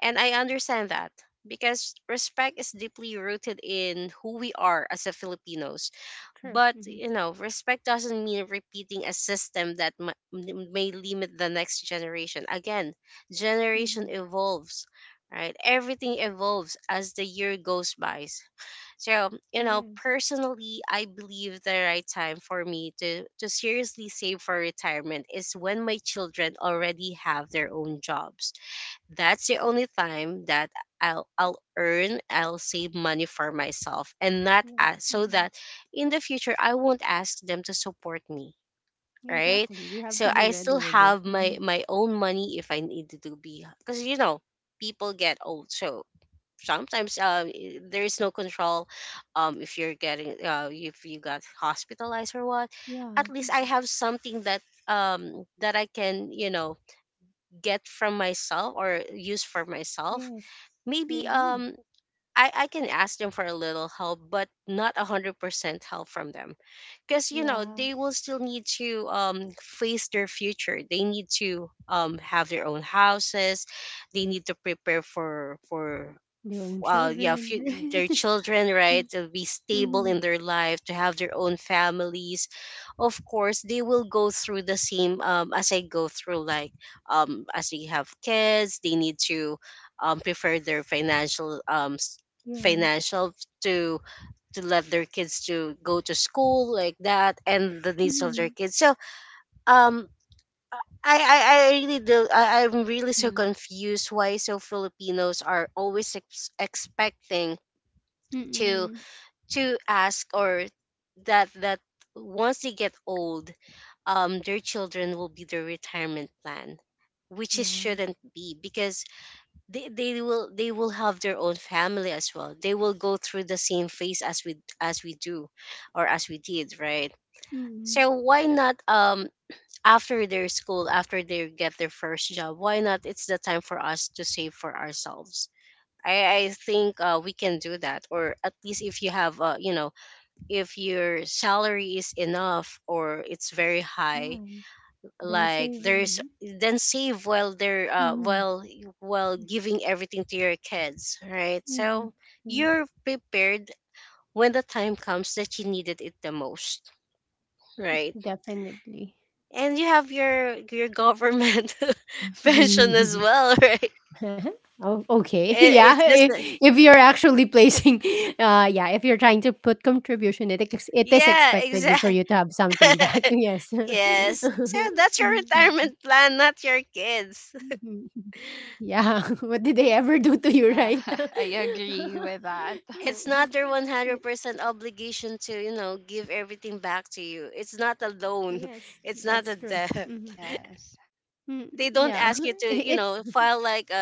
S3: And I understand that, because respect is deeply rooted in who we are as a Filipinos.
S1: True.
S3: But,
S1: Mm-hmm.
S3: you know, respect doesn't mean repeating a system that may limit the next generation. Again,
S1: Mm-hmm.
S3: generation evolves. Right, everything evolves as the year goes by. So, you
S1: Yes.
S3: know, personally, I believe the right time for me to seriously save for retirement is when my children already have their own jobs. That's the only time that I'll earn, I'll save money for myself and not
S1: Yes.
S3: ask, so
S1: Mm-hmm.
S3: that in the future I won't ask them to support me, right?
S1: Exactly. We have
S3: So
S1: to be
S3: I still
S1: ready with it.
S3: have
S1: Mm-hmm.
S3: my own money if I need to do be, because you know, people get old. So sometimes, there is no control if you're getting, if you got hospitalized or what, at
S1: Yeah.
S3: least I
S1: Mm.
S3: have something that, that I can, you know, get from myself or use for myself.
S1: Yes. I
S3: Maybe
S1: agree.
S3: I can ask them for a little help, but not 100% help from them, because you know
S1: Yeah.
S3: they will still need to face their future, they need to have their own houses, they need to prepare for
S1: Their own
S3: uh yeah
S1: children,
S3: few,
S1: <laughs>
S3: their
S1: right?
S3: children,
S1: Mm,
S3: right, to be stable
S1: mhm.
S3: in their life, to have their own families. Of course they will go through the same, as I go through, like as they have kids they need to prefer their financial,
S1: Yes.
S3: financial, to let their kids to go to school like that, and the needs of their
S1: Mhm.
S3: kids. So um I really do. I'm really so
S2: Mm-hmm.
S3: confused why so Filipinos are always expecting
S1: Mm.
S3: to ask, or that once they get old, their children will be their retirement plan, which it
S1: Yeah.
S3: shouldn't be, because they will have their own family as well, they will go through the same phase as we do, or as we did, right?
S1: Mm.
S3: So why not, after their school, after they get their first job, why not it's the time for us to save for ourselves. I think, we can do that, or at least if you have, you know, if your salary is enough or it's very high,
S1: Yeah. Then
S3: like there's,
S1: saving.
S3: then save while they're,
S1: Mhm.
S3: while giving everything to your kids, right?
S1: Mhm.
S3: So
S1: True.
S3: you're prepared when the time comes that you needed it the most, right?
S1: Definitely.
S3: And you have your government <laughs> pension as
S1: Mhm.
S3: well, <laughs> right?
S1: <laughs> Oh, okay. <laughs> Yeah.
S3: It's just
S1: If you're actually placing, <laughs> yeah, if you're trying to put contribution, it it is
S3: yeah,
S1: expected you for
S3: exactly.
S1: you to have something back. <laughs>
S3: <laughs>
S1: Yes. <laughs>
S3: Yes, so that's
S1: Mhm.
S3: your retirement plan, not your kids.
S1: Mhm. Yeah, <laughs> what did they ever do to you, right?
S2: <laughs> I
S1: <laughs>
S2: agree with that.
S1: Oh.
S3: It's
S2: <laughs>
S3: not their
S1: Y-
S3: 100% obligation to, you know, give everything back to you. It's not a loan,
S1: yes,
S3: <laughs> it's
S1: that's
S3: not
S1: true.
S3: a
S1: Hmm.
S3: debt.
S2: Yes.
S3: <laughs> They
S1: Yeah,
S3: don't ask you to,
S1: <laughs> it's,
S3: you know, file like a,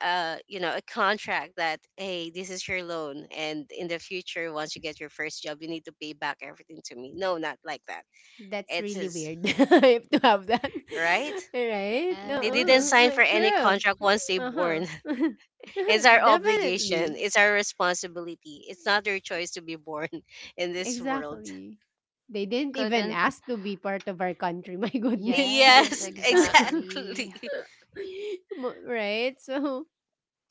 S3: a, a, you know, a contract that, hey, this is your loan, and in the future once you get your first job you need to pay back everything to me. No, not like that.
S1: that's really
S3: It's
S1: weird <laughs>
S3: his
S1: if to have that, <laughs>
S3: right.
S1: right?
S3: They didn't sign
S2: Yes.
S1: Uh-uh. <laughs>
S3: for any
S1: True.
S3: contract once they
S1: Uh huh.
S3: born. <laughs>
S1: <laughs>
S3: It's our
S1: Definitely.
S3: obligation, it's our responsibility, it's not their choice to be born <laughs> in this world.
S1: Exactly. They didn't
S2: You
S1: even
S2: couldn't.
S1: ask to be part of our country. <laughs> My goodness.
S2: Yes,
S3: Yes, <laughs>
S1: <laughs>
S3: exactly.
S2: exactly.
S1: Right? So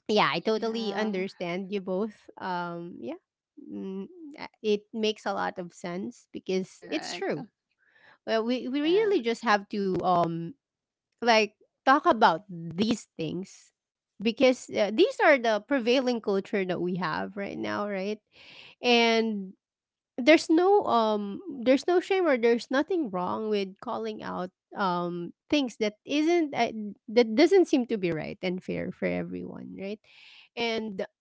S1: yeah, I totally
S2: Yeah,
S1: understand you both. Yeah, mm, it makes a lot of sense because it's
S2: correct.
S1: true. Well, we really just
S2: Yes.
S1: have to like talk about these things because these are the prevailing culture that we have right now, right? And there's no shame, or there's nothing wrong with calling out things that isn't that doesn't seem to be right and fair for everyone, right? And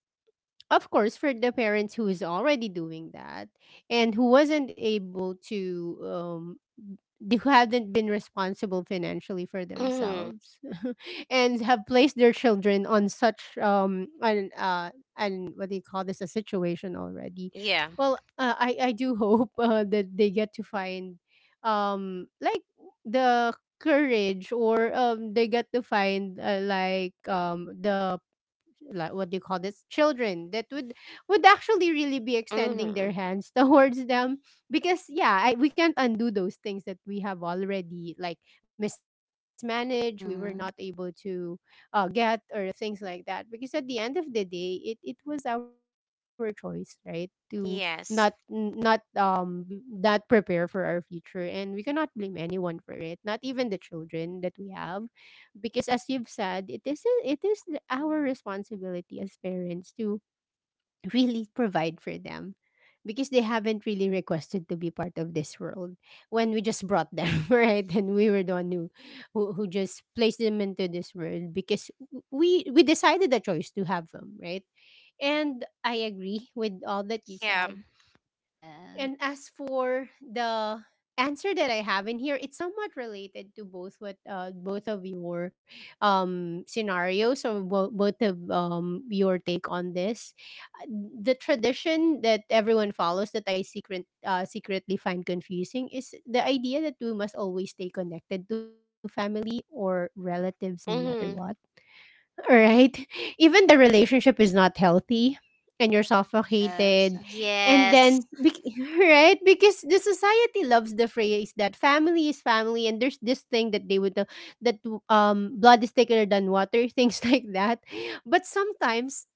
S1: of course, for the parents who's already doing that and who wasn't able to, who haven't been responsible financially for
S3: Hmm.
S1: themselves, <laughs> and have placed their children on such an and what do you call this, a situation already.
S3: Yeah.
S1: Well, I do <laughs> hope that they get to find, like the courage or they get to find like the like what do you call this children that would actually really be extending their
S3: Hmm.
S1: hands <laughs> towards them because yeah, we can't undo those things that we have already like mismanaged. We were not able
S2: Mm-hmm.
S1: to get or things like that because at the end of the day, it was our choice, right, to not n- not
S3: Yes.
S1: b- not prepare for our future, and we cannot blame anyone for it, not even the children that we have, because as you've said, it is our responsibility as parents to <laughs> really provide for them, because they haven't really requested to be part of this world when we just brought them <laughs> right? And we were the one who just placed them into this world, because we decided the choice to have them, right? And I agree with all that you
S3: Yeah.
S1: said.
S2: Yes.
S1: And as for the answer that I have in here, it's somewhat related to both what both of your scenarios, or both of your take on this. Uh, The tradition that everyone follows that I secretly find confusing is the idea that we must always stay connected to family or relatives, no matter what.
S3: Hmm.
S1: Right? <laughs> Even the relationship is not healthy and you're
S2: Yes.
S1: suffocated. And
S3: Yes.
S1: then, <laughs> right? Because the society loves the phrase that family is family, and there's this thing that they would, that blood is thicker than water, <laughs> things like that. But sometimes,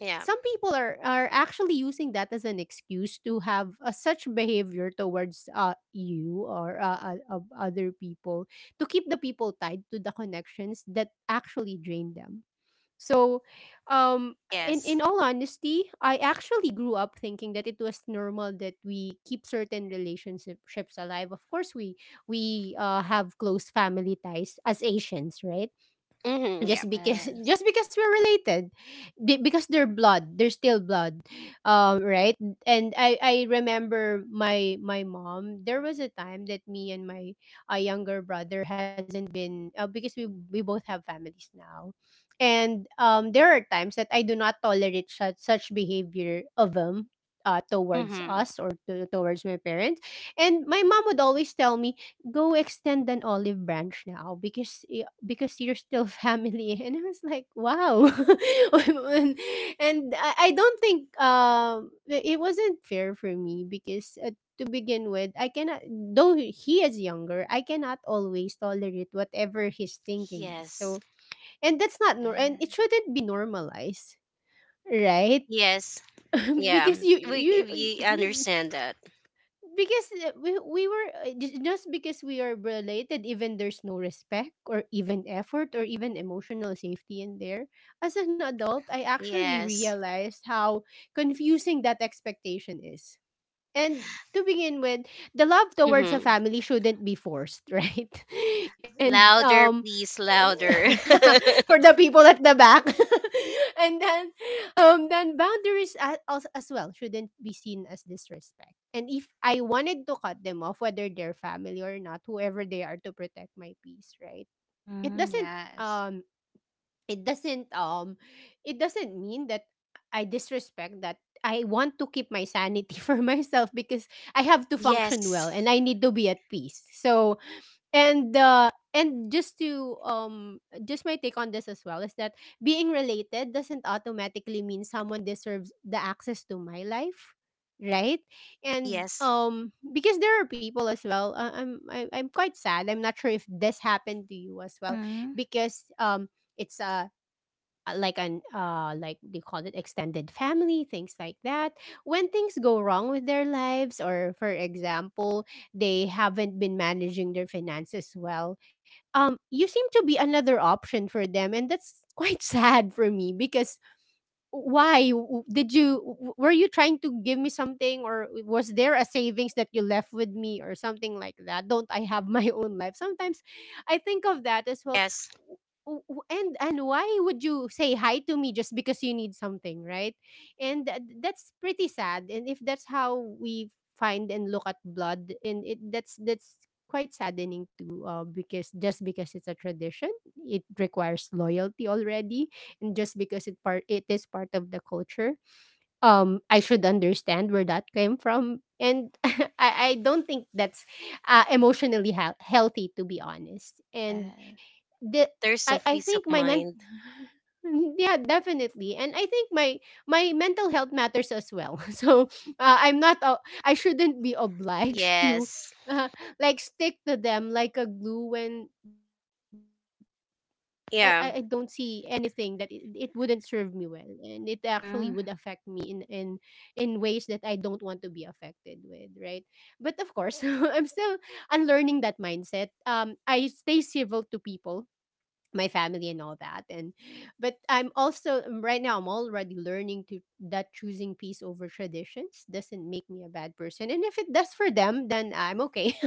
S3: Yeah.
S1: some people are actually using that as an excuse to have such behavior towards you, or other people, to keep the people tied to the connections that actually drain them, so, um, in
S3: Yes.
S1: all honesty, I actually grew up thinking that it was normal that we keep certain relationships alive. Of course, we have close family ties as Asians, right?
S3: Hmm. Yeah.
S1: Just because <laughs>
S2: Yes.
S1: just because we're related. Because they're blood, they're still blood, right. And I remember my mom, there was a time that me and my younger brother hasn't been because we both have families now, and there are times that I do not tolerate such behavior of them, towards
S3: Hmm.
S1: us or towards my parents. And my mom would always tell me, go extend an olive branch now because you're still family, <laughs> and I was like, wow. <laughs> and, and I don't think it wasn't fair for me because, to begin with, I cannot though he is younger, I cannot always tolerate whatever his thinking is,
S3: Yes.
S1: so and it
S2: Yes.
S1: shouldn't be normalized, right?
S3: Yes.
S1: <laughs>
S3: Yeah.
S1: Because you
S3: We
S1: you
S3: we
S1: <laughs>
S3: understand that.
S1: because we were just because we are related, even there's no respect or even effort or even emotional safety in there. As an adult, I actually
S3: Yes.
S1: realized how confusing that expectation is, and to begin with, the love towards a
S3: Hmm.
S1: family shouldn't be forced, <laughs> right? And
S3: Louder, please, louder.
S1: <laughs> for
S3: <laughs>
S1: the people at the back. <laughs> And then, boundaries, as well, shouldn't be seen as disrespect. And if I wanted to cut them off, whether they're family or not, whoever they are, to protect my peace, right? It
S2: Mhm.
S1: doesn't
S2: Yes.
S1: um it doesn't um it doesn't mean that I disrespect that. I want to keep my sanity <laughs> for myself, because I have to function well
S3: Yes.
S1: and I need to be at peace. So, and just to, just my take on this as well is that being related doesn't automatically mean someone deserves the access to my life, right? And
S3: Yes.
S1: because there are people as well, I'm quite sad, I'm not sure if this happened to you as well,
S2: Mhm.
S1: because it's like an like they call it extended family, things like that, when things go wrong with their lives, or for example, they haven't been managing their finances well, you seem to be another option for them, and that's quite <laughs> sad for me. Because why, did you, were you trying to give me something? Or was there a savings that you left with me or something like that? Don't I have <laughs> my own life sometimes? I think of that as well.
S3: Yes.
S1: W- w- and Why would you say hi to me just because you need something, right? And that's pretty sad. And if that's how we find and look at blood, and it, that's quite saddening too, because just because it's a tradition, it requires loyalty already. And just because it is part of the culture, I should understand where that came from, and <laughs> I don't think that's emotionally healthy, to be honest. And
S2: Yes.
S1: the
S3: There's no
S1: I think
S3: peace
S1: my
S3: of
S1: men
S3: mind.
S1: <laughs> yeah, definitely, and I think my mental health matters as well, <laughs> so uh, i'm not uh, I shouldn't be obliged to
S3: Yes.
S1: <laughs> uh, like stick to them like a glue, when I don't see anything
S3: Yeah.
S1: that it wouldn't serve me well, and it actually would affect me
S2: Mhm.
S1: in ways that I don't want to be affected with, right? But of course, <laughs> I'm still unlearning that mindset. I stay civil to people, my family and all that, and but I'm also, right now, I'm already learning to that choosing peace over traditions doesn't make me a bad person, and if it does for them, then I'm okay. <laughs>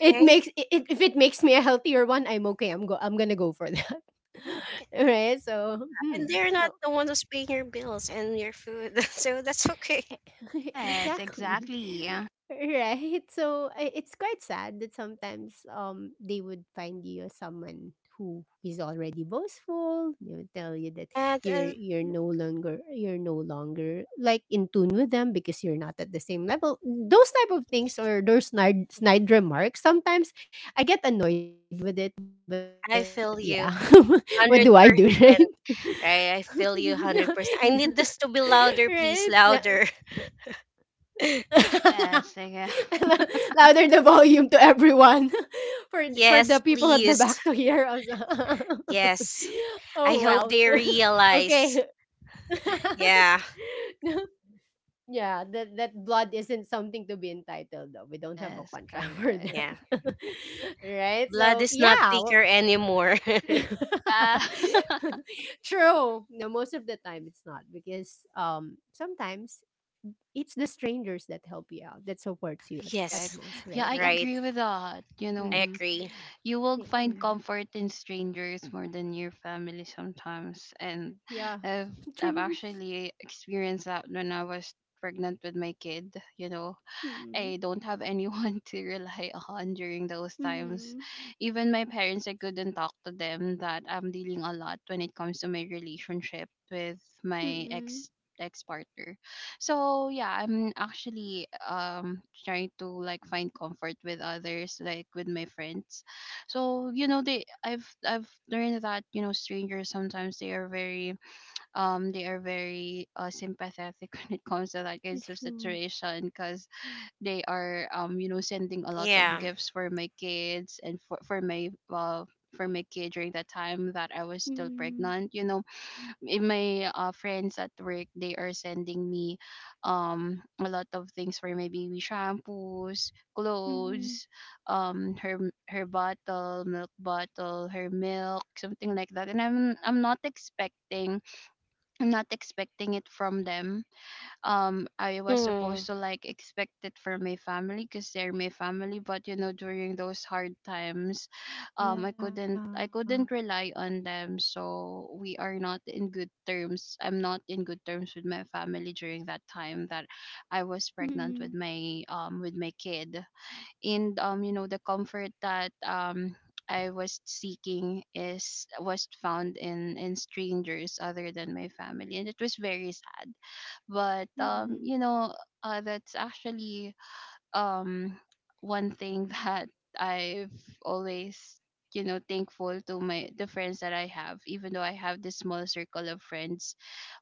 S1: it makes it, it- If it makes me a healthier one, I'm okay. I'm gonna go for that. <laughs> Right, so, hmm.
S3: And they're not
S1: Oh,
S3: the one who's paying your bills and your food. <laughs> So that's okay.
S1: <laughs>
S2: Yes,
S1: exactly. <laughs>
S2: exactly.
S1: Right. So it's quite sad that sometimes, they would find you as someone who is already boastful. They would tell you that
S3: And,
S1: you're you're no longer you're no longer like in tune with them, because you're not at the same level. Those type of things, or those snide remarks. Sometimes I get annoyed with it, but yeah, <laughs>
S3: I
S1: what do
S3: feel
S1: I
S3: you
S1: do, right?
S3: 100%.
S1: <laughs>
S3: Right? I feel you
S1: <laughs>
S3: 100%. I need this to
S1: Right?
S3: be
S1: Yeah.
S3: louder, please. Louder. <laughs>
S1: <laughs>
S2: Yes. Yeah.
S1: <laughs> Louder the
S2: <laughs>
S1: volume to everyone, <laughs> for the people at
S3: Yes,
S1: the back to
S3: please.
S1: hear us. <laughs>
S3: Yes.
S1: Oh
S3: I
S1: well.
S3: hope they
S1: <laughs> Okay.
S3: realize.
S1: <laughs>
S3: Yeah.
S1: No, yeah, that blood isn't something to be entitled, though. We don't have a
S2: Yes,
S1: contract <laughs> for that.
S2: correct.
S3: Yeah.
S1: <laughs> Right?
S3: Blood
S1: So,
S3: is not
S1: yeah.
S3: thicker anymore. <laughs>
S1: <laughs>
S2: Yeah. <laughs>
S1: True. No, most of the time it's not, because sometimes it's the strangers that help you out, that supports you at
S2: Correct.
S3: Yes.
S1: most,
S2: Yeah,
S1: right?
S2: I
S3: Right.
S2: agree with that. You
S3: I
S2: know,
S1: Mhm.
S3: agree.
S2: you will
S1: Yeah,
S2: find
S1: mhm.
S2: comfort in strangers more than your family sometimes. And
S1: Yeah,
S2: I've,
S1: <laughs>
S2: I've
S1: true.
S2: actually experienced that when I was pregnant with my kid. You know,
S1: Mm,
S2: I don't have anyone <laughs> to rely on during those times.
S1: mhm,
S2: Even my parents, I couldn't talk to them that I'm dealing a lot when it comes to my relationship with my
S1: mm.
S2: ex, ex partner. So yeah, I'm actually trying to like find comfort with others, like with my friends. So you know, they I've learned that, you know, strangers sometimes, they are very sympathetic <laughs> when it comes to that
S1: It's
S2: kinds of
S1: true.
S2: situation, because they are, you know, sending a lot of
S3: Yeah.
S2: gifts for my kids and for my kid during that time that I was still
S1: Mm,
S2: pregnant. You know, in my friends at work, they are sending me a lot of things for my baby, shampoos, clothes,
S1: mhm.
S2: her, her bottle, milk bottle, her milk, something like that. And I'm not expecting, I'm not expecting it from them. I was
S3: Mm.
S2: supposed to like expect it for my family, because they're my family. But you know, during those hard times,
S1: Yeah.
S2: I couldn't rely on them. So we are not in good terms, I'm not in good terms with my family during that time that I was pregnant
S1: Mm,
S2: with my kid. And you know, the comfort that I was seeking is was found in strangers other than my family, and it was very sad. But
S1: mm,
S2: you know, that's actually um one thing <laughs> that I've always, you know, thankful to my, the friends that I have, even though I have this small circle of friends.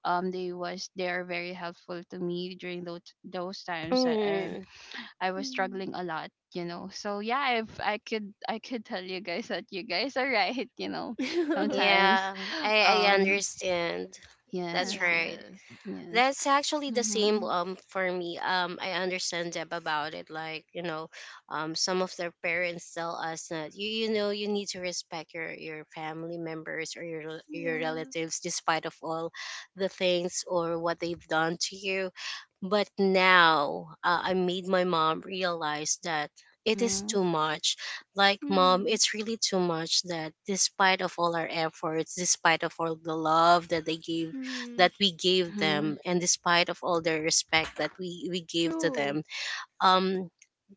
S2: They are very helpful to me during those times that
S3: Mm.
S2: I was struggling
S1: mm.
S2: a lot, you know. So yeah, if I could, I could tell you guys that you guys are right. <laughs> You know,
S1: <laughs>
S2: sometimes,
S3: Yeah. I
S2: um,
S3: understand. That's
S2: yes,
S1: Yeah,
S3: right.
S2: yes, yes.
S3: That's actually the
S2: Mm-hmm.
S3: same for me. I understand Deb about it. Like, you know, some of their parents tell us that you know you need to respect your family members, or your your
S1: yeah.
S3: relatives, despite of all the things or what they've done to you. But now, I made my mom realize that it is
S2: Mm-hmm.
S3: too much. Like, mom,
S1: Mhm,
S3: it's really too much that despite of all our efforts, despite of all the love that they gave that
S1: mhm.
S3: we gave
S2: Mm-hmm.
S3: them, and despite of all the respect that we gave to them,
S1: True.
S3: um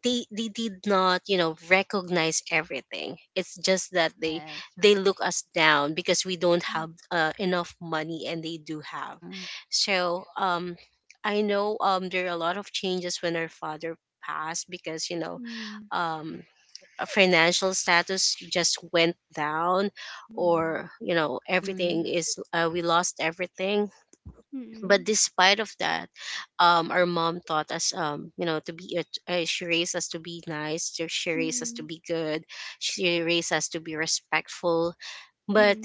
S3: they did not, you know, recognize everything. It's just that
S2: Yes.
S3: they look us down because we don't have,
S1: Mm,
S3: enough money, and they do have.
S2: Mm-hmm.
S3: So I know, there are a lot of changes when our father passed, because you know, um financial status just went down,
S1: mm,
S3: or you know
S2: Mm-hmm.
S3: everything is, we lost everything. But
S1: mm,
S3: despite of that, our mom taught us, you know, to be, she raised us to be nice, she raised us to
S1: mm,
S3: be good, she raised us to be respectful.
S1: mm,
S3: But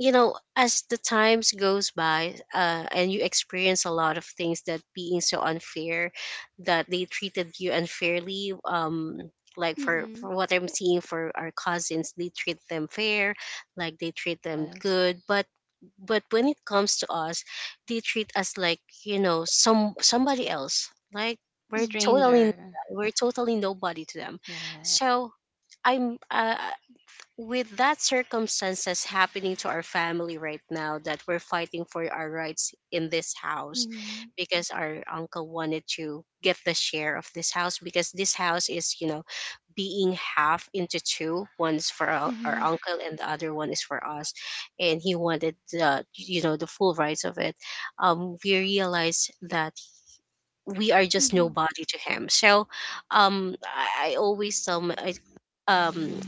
S3: you know as the times goes by, and you experience a lot of things that being so unfair, that they treated you unfairly. Like,
S1: mm,
S3: for what I'm seeing, for our cousins they treat them fair, like they treat them
S2: Yes.
S3: good. But when it comes to us, they treat us like, you know, somebody else. Like,
S2: Like a
S3: we're
S1: mm,
S3: totally
S2: stranger.
S3: we're totally nobody to them.
S2: Yeah.
S3: So I'm, with that circumstances happening to our family right now, that we're fighting for our rights in this house,
S1: mm,
S3: because our uncle wanted to get the share of this house, because this house is, you know, being half into two. One's for
S1: mhm,
S3: our
S1: mhm,
S3: uncle, and the other one is for us, and he wanted the, you know, the full rights of it. We realized that we are just
S1: mhm,
S3: nobody to him. So um I always tell my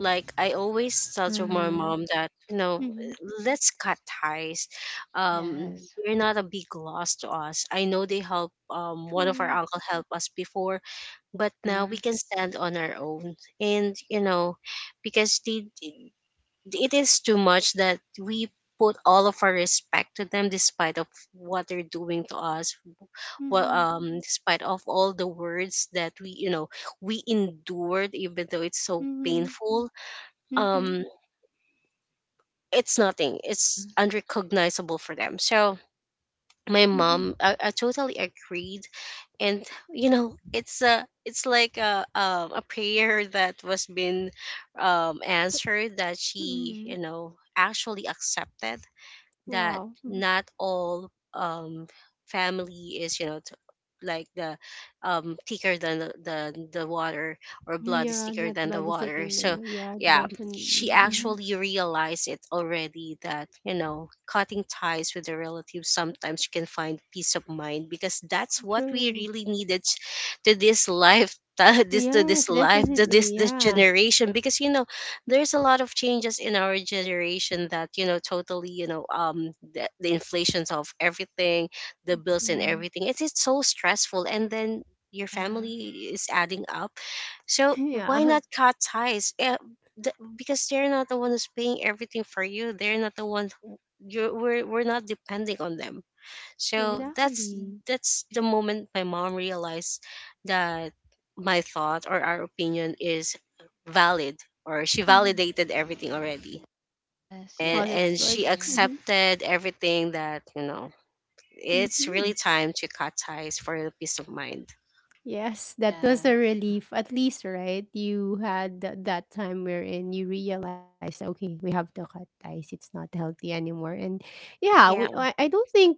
S3: like I always tell to my
S2: Mm-hmm.
S3: mom that,
S1: mhm.
S3: you know, let's cut ties. Um,
S2: Yes.
S3: they're not a big loss to us. I know they help. One of our
S1: True.
S3: uncle helped us before, but now
S2: Mm-hmm.
S3: we can stand on our own. And you know, because the it is too much that we put all of our respect to them despite of what they're doing to us, what
S1: Mhm,
S3: despite of all the words that we you know we endured even though it's so
S1: mhm,
S3: painful.
S1: mhm,
S3: um it's nothing, it's unrecognizable for them. So my
S1: mhm,
S3: mom, I totally agreed, and you know, it's like a, a prayer that was been, answered, that she,
S1: mhm.
S3: you know, actually accepted that
S1: Wow. Mhm.
S3: not all, family is, you know, like the, thicker than the water, or blood is
S1: Yeah,
S3: thicker
S1: not
S3: than the
S1: bloody
S3: water.
S1: second
S3: So
S1: number. Yeah,
S3: yeah,
S1: definitely.
S3: she
S2: Mm-hmm.
S1: Hmm.
S3: actually realized it already that, you know, cutting ties with the relatives, sometimes you can find peace of mind, because that's what we
S1: True.
S3: really needed. To this life, <laughs> this to
S1: Yes,
S3: this life, to
S1: definitely.
S3: this
S1: Yeah.
S3: generation, because you know there's a lot of changes in our generation that, you know, totally, you know, the inflations of everything, the bills and
S1: Yeah.
S3: everything, it's so stressful. And then your
S2: Yeah.
S3: family is adding up.
S1: <laughs>
S3: So why
S1: Yeah.
S3: not cut ties? The- because they're not the one who's paying everything for you, they're not the one we're not depending on them. So
S1: Exactly.
S3: that's the moment my mom realized that my thought or our opinion is valid, or she
S1: Hmm.
S3: validated everything already.
S2: Yes.
S3: And
S1: Well,
S2: Yes.
S1: that's
S2: I
S3: and
S1: good.
S3: she
S2: agree.
S1: Mm-hmm.
S3: accepted everything, that, you know, it's
S1: Mm-hmm.
S3: really time to cut ties for the peace of mind.
S1: Yes, that was a
S2: Yes.
S1: relief. At least, right? You had that time wherein you realized, okay, we have to cut ties. It's not healthy anymore. And yeah,
S3: Yeah.
S1: I don't think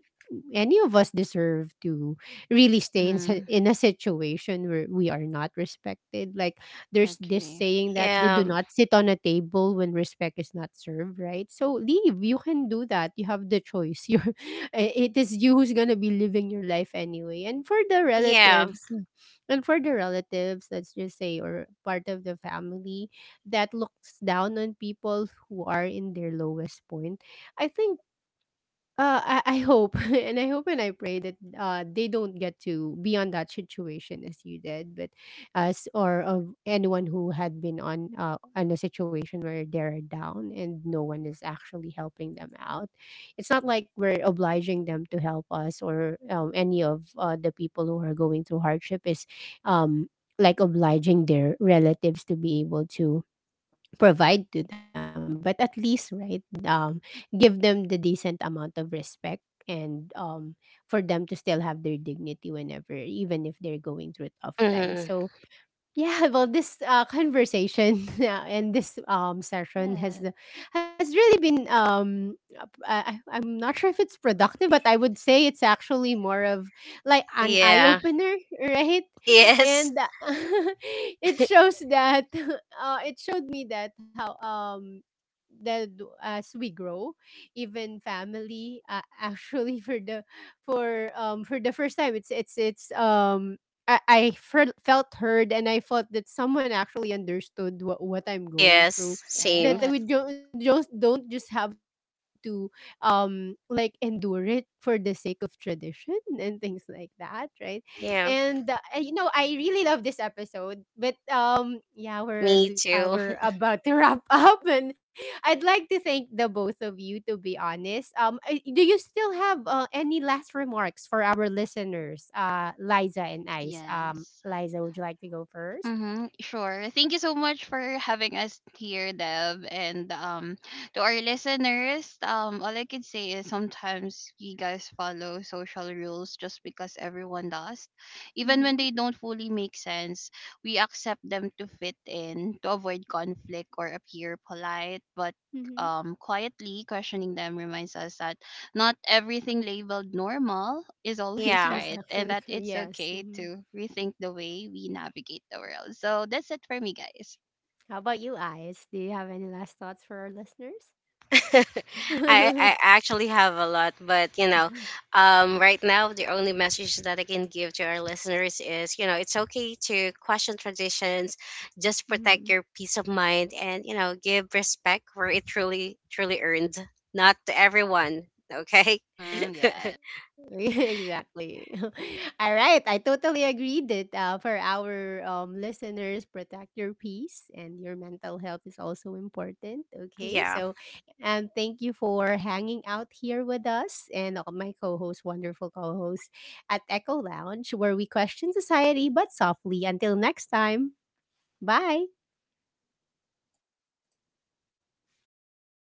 S1: any of us deserve to really stay
S2: Mm-hmm.
S1: in a situation where we are not respected. Like, there's this
S2: Agree.
S1: saying that they
S3: Yeah.
S1: do not sit on a table when respect is not served, right? So leave. You can do that. You have the choice. <laughs> It is you who's going to be living your life anyway. And for the
S3: Yeah.
S1: relatives, let's just say, or part of the family that looks down on people who are in their lowest point, I think, I hope <laughs> and I pray that they don't get to be on that situation as you did, but us, or of anyone who had been on a situation where they're down and no one is actually helping them out. It's not like we're obliging them to help us, or any of, the people who are going through hardship is um like obliging their relatives to be able to provide to them, but at least, right, um give them the decent amount of respect, and for them to still have their dignity whenever, even if they're going through tough times,
S3: Hmm.
S1: so yeah, well, this conversation <laughs> yeah, and this, session
S2: Yes.
S1: has really been I'm not sure if it's productive, but I would say it's actually more of like an eye
S3: Yeah.
S1: opener, <laughs> right?
S3: Yes.
S1: And <laughs> it
S3: <laughs>
S1: shows that <laughs> it showed me that how that, as we grow, even family, <laughs> actually for the first time, it's I fel- felt heard, and I felt that someone actually understood what I'm going through.
S3: Yes. Same.
S1: That
S2: Yes.
S1: we don't just have to like endure it for the sake of tradition and things like that, right?
S3: Yeah.
S1: And I really love this episode, but yeah, we're
S3: Me too.
S1: we're about to wrap <laughs> up, and I'd like to thank the both of you, to be honest. Do you still have any last remarks for our listeners, Liza and Ice?
S2: Yes.
S1: Liza, would you like to go first?
S2: Mm-hmm, sure. Thank you so much for having us here, Deb. And to our listeners, all I can say is sometimes you guys follow social rules just because everyone does. Even when they
S1: Mm-hmm.
S2: don't fully make sense, we accept them to fit in, to avoid conflict or appear polite. But
S1: Mm-hmm.
S2: quietly questioning them reminds us that not everything labeled normal is
S3: <laughs>
S2: always <laughs>
S3: Yeah.
S2: right,
S1: Yes,
S2: and that
S1: actually,
S2: it's okay
S1: yes.
S2: to
S1: Hmm.
S2: rethink the way we navigate the world. So that's it for me, guys.
S1: How about you, Ice? Do you have any last thoughts for our listeners?
S3: <laughs> I
S1: <laughs>
S3: actually have a lot, but you know, right now the only message that I can give to our listeners is, you know, it's okay to question traditions, just protect your
S1: Mhm.
S3: peace of mind, and you know, give respect where it truly earned, not to everyone. Okay,
S2: Hmm,
S1: <laughs>
S2: yes.
S1: Exactly. <laughs> All right, I totally agree that, for our, listeners, protect your peace and your mental health is also important.
S3: <laughs>
S1: Okay,
S3: yeah.
S1: so and thank you for hanging out here with us and all my wonderful co-host at Echo Lounge, where we question society but softly. Until next time, bye.